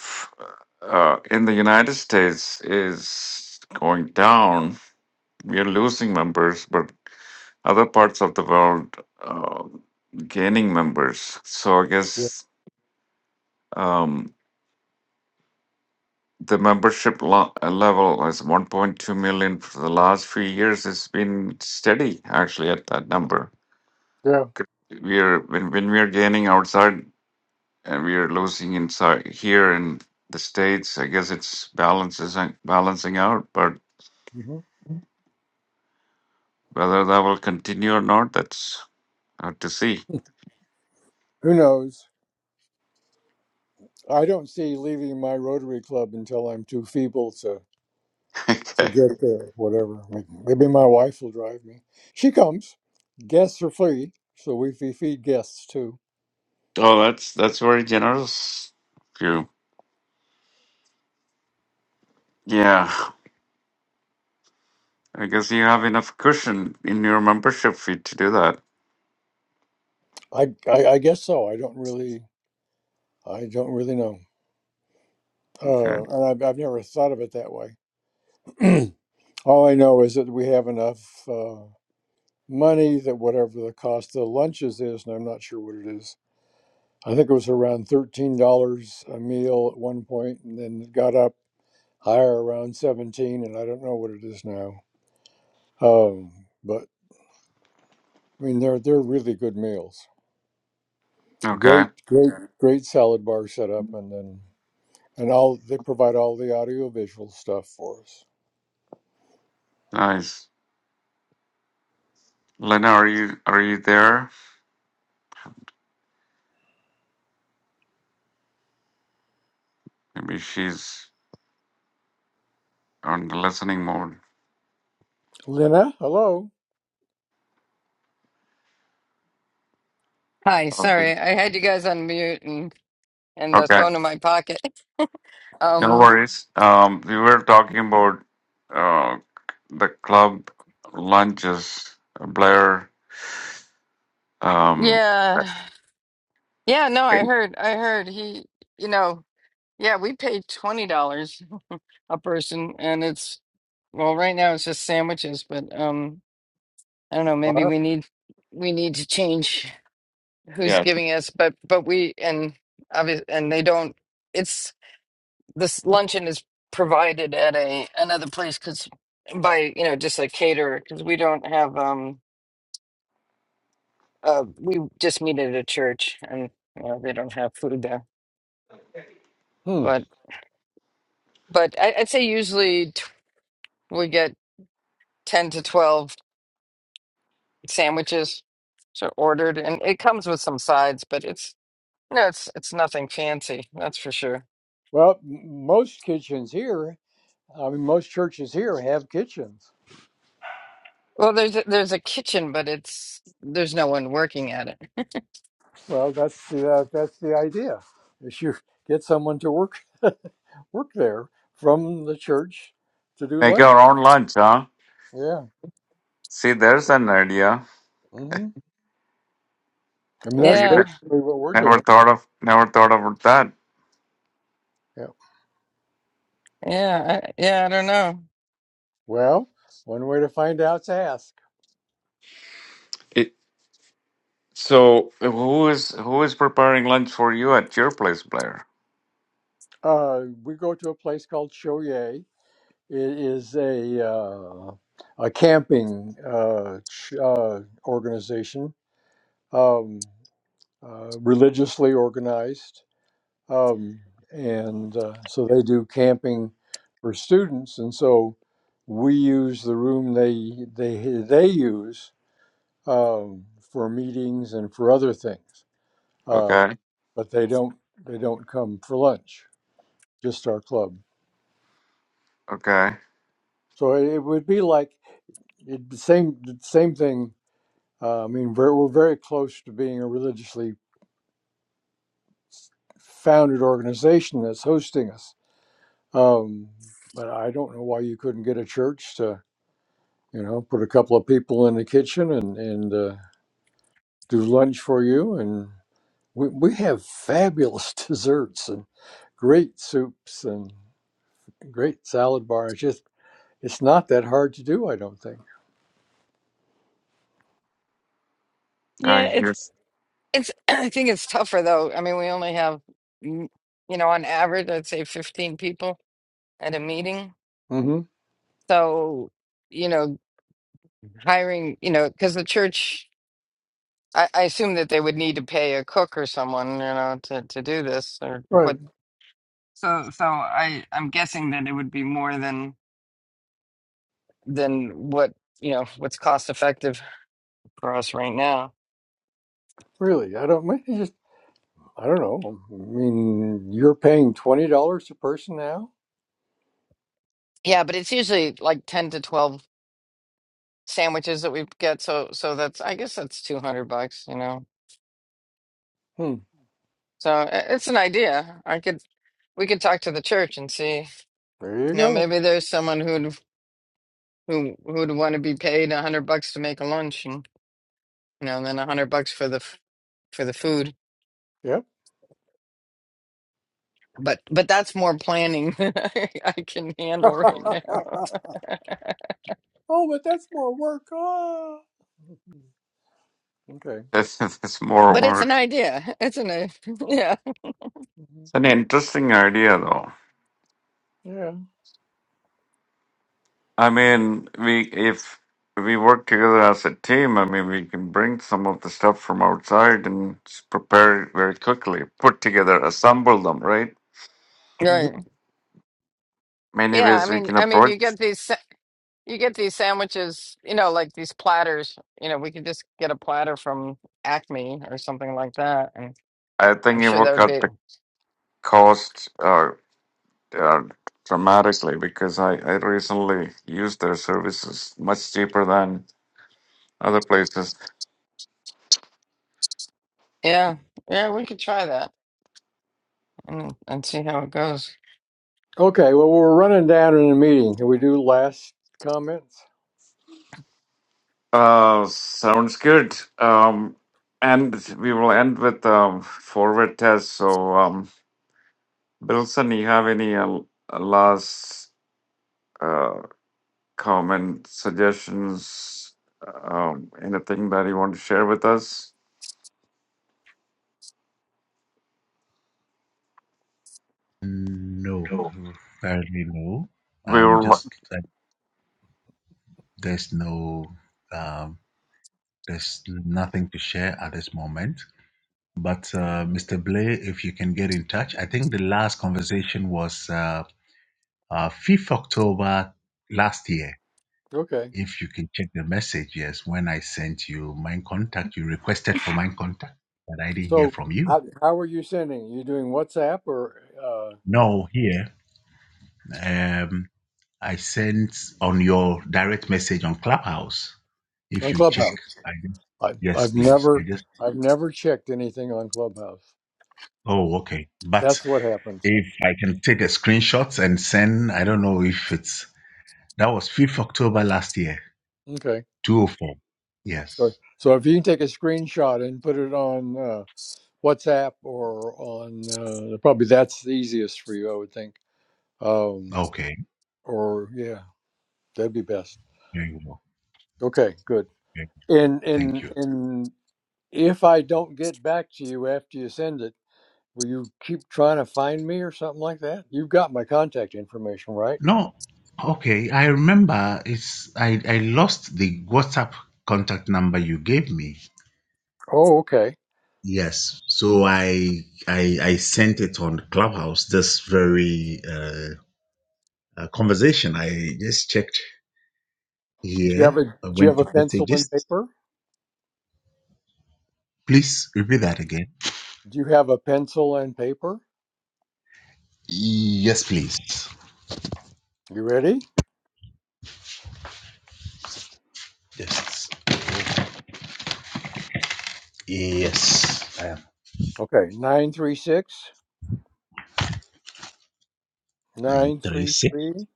Speaker 1: uh, in the United States is going down. We are losing members, but other parts of the world uh, gaining members. So I guess. Um, the membership lo- uh, level is 1.2 million for the last few years. It's been steady actually at that number.
Speaker 4: Yeah.
Speaker 1: We're when when we're gaining outside and we're losing inside here in the states. I guess it's balances and balancing out, but
Speaker 4: hmm
Speaker 1: whether that will continue or not, that's hard to see.
Speaker 4: Who knows? I don't see leaving my Rotary Club until I'm too feeble to to
Speaker 1: okay.
Speaker 4: get there. Whatever. May- Maybe my wife will drive me. She comes. Guests are free, so we fe- feed guests too.
Speaker 1: Oh, that's that's very generous of you. Yeah. I guess you have enough cushion in your membership fee to do that.
Speaker 4: I, I I guess so. I don't really I don't really know.
Speaker 1: Okay.
Speaker 4: Uh, and I've I've never thought of it that way. All I know is that we have enough uh, money that whatever the cost of the lunches is, and I'm not sure what it is, I think it was around thirteen dollars a meal at one point, and then it got up higher around seventeen, and I don't know what it is now. Um, but I mean, they're they're really good meals.
Speaker 1: Okay.
Speaker 4: Great, great, Sure. great salad bar setup, and then and all they provide all the audio visual stuff for us.
Speaker 1: Nice. Lena, are you are you there? Maybe she's on the listening mode.
Speaker 4: Lena, hello.
Speaker 2: Hi,
Speaker 4: Yes.
Speaker 1: Okay.
Speaker 2: sorry, I had you guys on mute and and the
Speaker 1: Okay.
Speaker 2: phone in my pocket.
Speaker 1: No
Speaker 2: Um,
Speaker 1: worries. Um, we were talking about uh the club lunches, Blair. Um,
Speaker 2: yeah, yeah, no, I heard, I heard he, you know, yeah, we paid twenty dollars a person, and it's well, right now it's just sandwiches, but um, I don't know,
Speaker 4: All
Speaker 2: maybe
Speaker 4: right.
Speaker 2: we need we need to change who's
Speaker 1: yeah,
Speaker 2: giving us, but but we and obvious and they don't. It's this luncheon is provided at a another place because by you know just a caterer because we don't have um uh we just meet at a church and you know they don't have food there
Speaker 4: Hmm.
Speaker 2: but but I, I'd say usually t- we get ten to twelve sandwiches so ordered and it comes with some sides but it's you know it's it's nothing fancy that's for sure.
Speaker 4: Well, m- most kitchens here, I mean, most churches here have kitchens.
Speaker 2: Well, there's a, there's a kitchen, but it's there's no one working at it.
Speaker 4: Well, that's the uh, that's the idea. Is you get someone to work. work there from the church to do
Speaker 1: make
Speaker 4: lunch.
Speaker 1: our own lunch, huh?
Speaker 4: Yeah.
Speaker 1: See, there's an idea.
Speaker 4: hmm I mean,
Speaker 1: We
Speaker 4: that's
Speaker 2: Yeah,
Speaker 4: basically
Speaker 1: ne-
Speaker 4: what we're
Speaker 1: never
Speaker 4: doing.
Speaker 1: thought of never thought about that.
Speaker 4: Yeah.
Speaker 2: yeah, I, yeah. I don't know.
Speaker 4: Well, one way to find out is to ask.
Speaker 1: It, so who is who is preparing lunch for you at your place, Blair?
Speaker 4: Uh, we go to a place called Shoye. It is a uh, a camping uh, ch- uh, organization, um, uh, religiously organized. um, and uh, so they do camping for students, and so we use the room they they they use um, for meetings and for other things, uh,
Speaker 1: Okay,
Speaker 4: but they don't they don't come for lunch. Just our club.
Speaker 1: okay.
Speaker 4: So it would be like it, the same the same thing. Uh, I mean, we're, we're very close to being a religiously founded organization that's hosting us. Um, but I don't know why you couldn't get a church to you know, put a couple of people in the kitchen and and uh, do lunch for you. And we we have fabulous desserts and great soups and great salad bars. It's just it's not that hard to do, I don't think.
Speaker 2: Yeah,
Speaker 1: I
Speaker 2: it's
Speaker 1: hear.
Speaker 2: It's, I think it's tougher though. I mean, we only have, mm, you know, on average, I'd say 15 people at a meeting.
Speaker 4: hmm
Speaker 2: So, you know, hiring, you know, because the church, I, I assume that they would need to pay a cook or someone, you know, to, to do this or
Speaker 4: Right?
Speaker 2: what. So, so I, I'm guessing that it would be more than, than what, you know, what's cost effective for us right now.
Speaker 4: Really? I don't. I Just I don't know. I mean, you're paying twenty dollars a person now.
Speaker 2: Yeah, but it's usually like 10 to 12 sandwiches that we get. So, so that's, I guess that's 200 bucks, you know.
Speaker 4: Hmm.
Speaker 2: So i- it's an idea. I could we could talk to the church and see.
Speaker 4: There you
Speaker 2: You know,
Speaker 4: go.
Speaker 2: maybe there's someone who'd who who'd want to be paid a hundred bucks to make a lunch, and you know, and then a hundred bucks for the f- for the food.
Speaker 4: Yep.
Speaker 2: But but that's more planning than I, I can handle right
Speaker 4: oh,
Speaker 2: now.
Speaker 4: but that's more work. Ah. Okay.
Speaker 1: Yes, it's more
Speaker 2: But it's
Speaker 1: work.
Speaker 2: an idea. It's an i- yeah
Speaker 4: Mhm.
Speaker 1: It's an interesting idea, though.
Speaker 4: Yeah.
Speaker 1: I mean, we if we work together as a team, I mean, we can bring some of the stuff from outside and s- prepare it very quickly, put together, assemble them, right?
Speaker 4: Mm-hmm.
Speaker 2: right
Speaker 1: Many
Speaker 2: yeah. I
Speaker 1: ways we
Speaker 2: mean
Speaker 1: can
Speaker 2: I mean
Speaker 1: approach.
Speaker 2: you get these sa- you get these sandwiches. You know, like these platters. You know, we could just get a platter from Acme or something like that, and
Speaker 1: I
Speaker 2: I'm
Speaker 1: think it
Speaker 2: sure
Speaker 1: will
Speaker 2: that would
Speaker 1: cut
Speaker 2: be.
Speaker 1: the cost uh, uh, dramatically because I, I recently used their services much cheaper than other places.
Speaker 2: Yeah, yeah, we could try that and and see how it goes.
Speaker 4: Okay, well, we're running down in the meeting. Can we do last comments?
Speaker 1: Uh, sounds good. Um, and we will end with um, forward test. So, um, Bilson, you have any uh, last uh, comment, suggestions, um, anything that you want to share with us?
Speaker 6: No,
Speaker 1: No.
Speaker 6: currently no.
Speaker 1: We
Speaker 6: Um,
Speaker 1: were lo-
Speaker 6: just that there's no, um, there's nothing to share at this moment. But uh, Mr. Blay, if you can get in touch, I think the last conversation was uh, uh, 5th October last year.
Speaker 4: Okay.
Speaker 6: If you can check the message, yes, when I sent you my contact, you requested for my contact, but I didn't hear
Speaker 4: So,
Speaker 6: from you.
Speaker 4: how, how are you sending? You doing WhatsApp or uh,
Speaker 6: No, here. Um, I sent on your direct message on Clubhouse. If
Speaker 4: on
Speaker 6: you check,
Speaker 4: Clubhouse?
Speaker 6: I just,
Speaker 4: I,
Speaker 6: yes,
Speaker 4: I've
Speaker 6: please. I
Speaker 4: never,
Speaker 6: just,
Speaker 4: I've never checked anything on Clubhouse.
Speaker 6: oh, okay. But
Speaker 4: That's what happens.
Speaker 6: if I can take a screenshot and send, I don't know if it's, that was 5th October last year,
Speaker 4: Okay.
Speaker 6: 204.
Speaker 4: So,
Speaker 6: Yes.
Speaker 4: so if you can take a screenshot and put it on uh, WhatsApp or on, uh, probably that's the easiest for you, I would think. Um,
Speaker 6: Okay.
Speaker 4: or yeah, that'd be best.
Speaker 6: There you go.
Speaker 4: Okay, good.
Speaker 6: Okay.
Speaker 4: In
Speaker 6: Thank
Speaker 4: in
Speaker 6: you.
Speaker 4: in If I don't get back to you after you send it, will you keep trying to find me or something like that? You've got my contact information, right?
Speaker 6: No, okay. I remember it's, I, I lost the WhatsApp contact number you gave me.
Speaker 4: Oh, okay.
Speaker 6: Yes. So I I I sent it on Clubhouse this very uh, uh, conversation. I just checked
Speaker 4: Do you have
Speaker 6: here.
Speaker 4: a
Speaker 6: I
Speaker 4: Do you have
Speaker 6: went
Speaker 4: a
Speaker 6: to
Speaker 4: pencil and
Speaker 6: messages.
Speaker 4: paper?
Speaker 6: Please repeat that again.
Speaker 4: Do you have a pencil and paper?
Speaker 6: Yes, please.
Speaker 4: You ready?
Speaker 6: Yes. Yes. I am
Speaker 4: Okay, Nine three six
Speaker 6: nine
Speaker 4: nine
Speaker 6: three
Speaker 4: three
Speaker 6: six
Speaker 4: three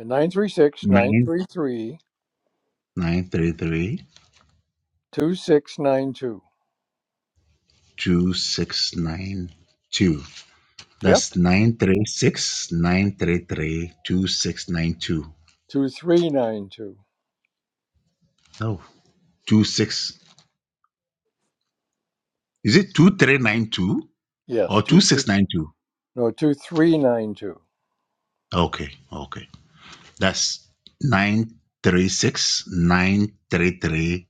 Speaker 4: and nine three six nine
Speaker 6: nine
Speaker 4: three three
Speaker 6: nine three three
Speaker 4: two six nine two.
Speaker 6: two six nine two.
Speaker 4: Yep,
Speaker 6: That's nine three six nine three three two six nine two.
Speaker 4: 2392.
Speaker 6: No, two six. Is it two three nine two?
Speaker 4: Yes,
Speaker 6: Or
Speaker 4: two, three
Speaker 6: 2692.
Speaker 4: no, 2392.
Speaker 6: Okay, okay. That's nine three six nine three three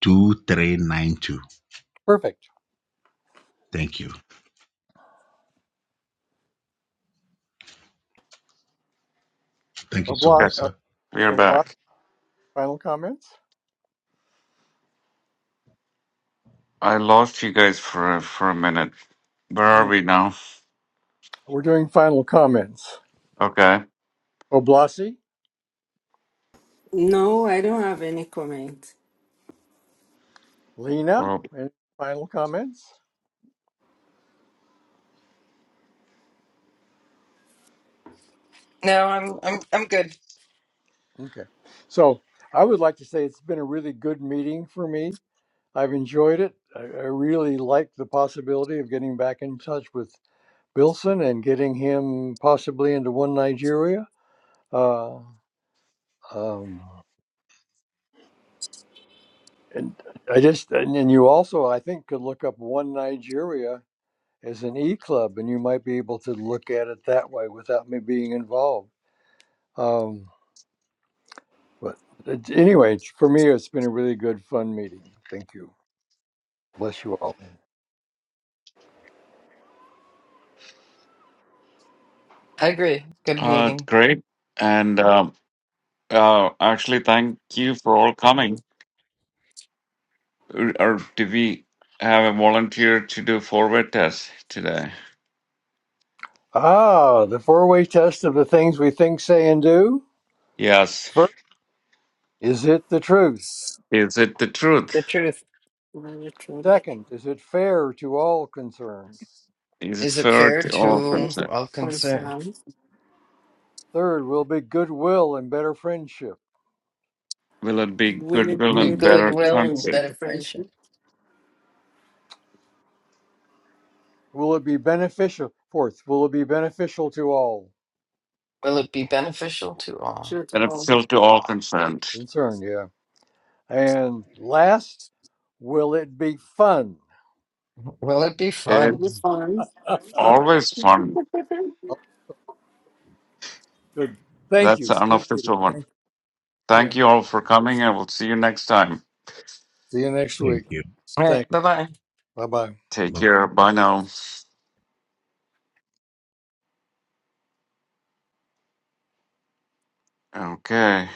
Speaker 6: two three nine two.
Speaker 4: Perfect.
Speaker 6: Thank you. Thank you so
Speaker 4: Obli-
Speaker 6: much,
Speaker 1: okay.
Speaker 4: uh,
Speaker 6: sir.
Speaker 1: We are
Speaker 4: obli-
Speaker 1: back.
Speaker 4: final comments?
Speaker 1: I lost you guys for a, for a minute. Where are we now?
Speaker 4: We're doing final comments.
Speaker 1: Okay.
Speaker 4: Oblasi,
Speaker 5: No, I don't have any comment.
Speaker 4: Lena,
Speaker 1: Well,
Speaker 4: any final comments?
Speaker 2: No, I'm I'm I'm good.
Speaker 4: Okay. So I would like to say it's been a really good meeting for me. I've enjoyed it. I, I really like the possibility of getting back in touch with Bilson and getting him possibly into One Nigeria. Uh, um, and I just, and, and you also, I think, could look up One Nigeria as an e club and you might be able to look at it that way without me being involved. Um, But it's- anyway, for me, it's been a really good, fun meeting. Thank you. Bless you all.
Speaker 2: I agree. Good
Speaker 1: uh,
Speaker 2: meeting.
Speaker 1: great. And um, uh, actually, thank you for all coming. Or do we have a volunteer to do forward test today?
Speaker 4: Ah, the four way test of the things we think, say, and do.
Speaker 1: Yes.
Speaker 4: First, is it the truth?
Speaker 1: Is it the truth?
Speaker 2: Good truth.
Speaker 5: Very true.
Speaker 4: Second, is it fair to all concerned?
Speaker 1: Is it
Speaker 2: Is it
Speaker 1: fair
Speaker 2: fair
Speaker 1: to
Speaker 5: Very
Speaker 1: all
Speaker 2: to
Speaker 5: positive
Speaker 1: concerned?
Speaker 2: all concerned?
Speaker 5: concerns.
Speaker 4: Third, will it be goodwill and better friendship?
Speaker 1: Will it be
Speaker 5: Will it
Speaker 1: goodwill
Speaker 2: Be
Speaker 5: be a
Speaker 1: and
Speaker 5: good
Speaker 2: good
Speaker 1: better
Speaker 5: deal
Speaker 2: will
Speaker 5: and
Speaker 2: and
Speaker 5: big
Speaker 1: country?
Speaker 2: better friendship.
Speaker 5: friendship?
Speaker 4: Will it be beneficial? Fourth, will it be beneficial to all
Speaker 2: Will it be beneficial to all?
Speaker 5: Sure to all.
Speaker 1: Beneficial to all concerned.
Speaker 4: concerned? Yeah. And last, will it be fun?
Speaker 2: Will it be fun?
Speaker 5: Will be
Speaker 1: It's
Speaker 5: fun.
Speaker 1: always fun.
Speaker 4: good. Thank
Speaker 1: That's the
Speaker 4: you. Good meeting.
Speaker 1: unofficial one.
Speaker 4: Thank you. Yeah.
Speaker 1: Thank you all for coming I will see you next time.
Speaker 4: See you next week.
Speaker 6: Thank you.
Speaker 2: All right,
Speaker 4: Thanks.
Speaker 2: bye bye.
Speaker 4: Bye bye.
Speaker 1: Take
Speaker 6: Bye
Speaker 1: care. Bye now. Okay.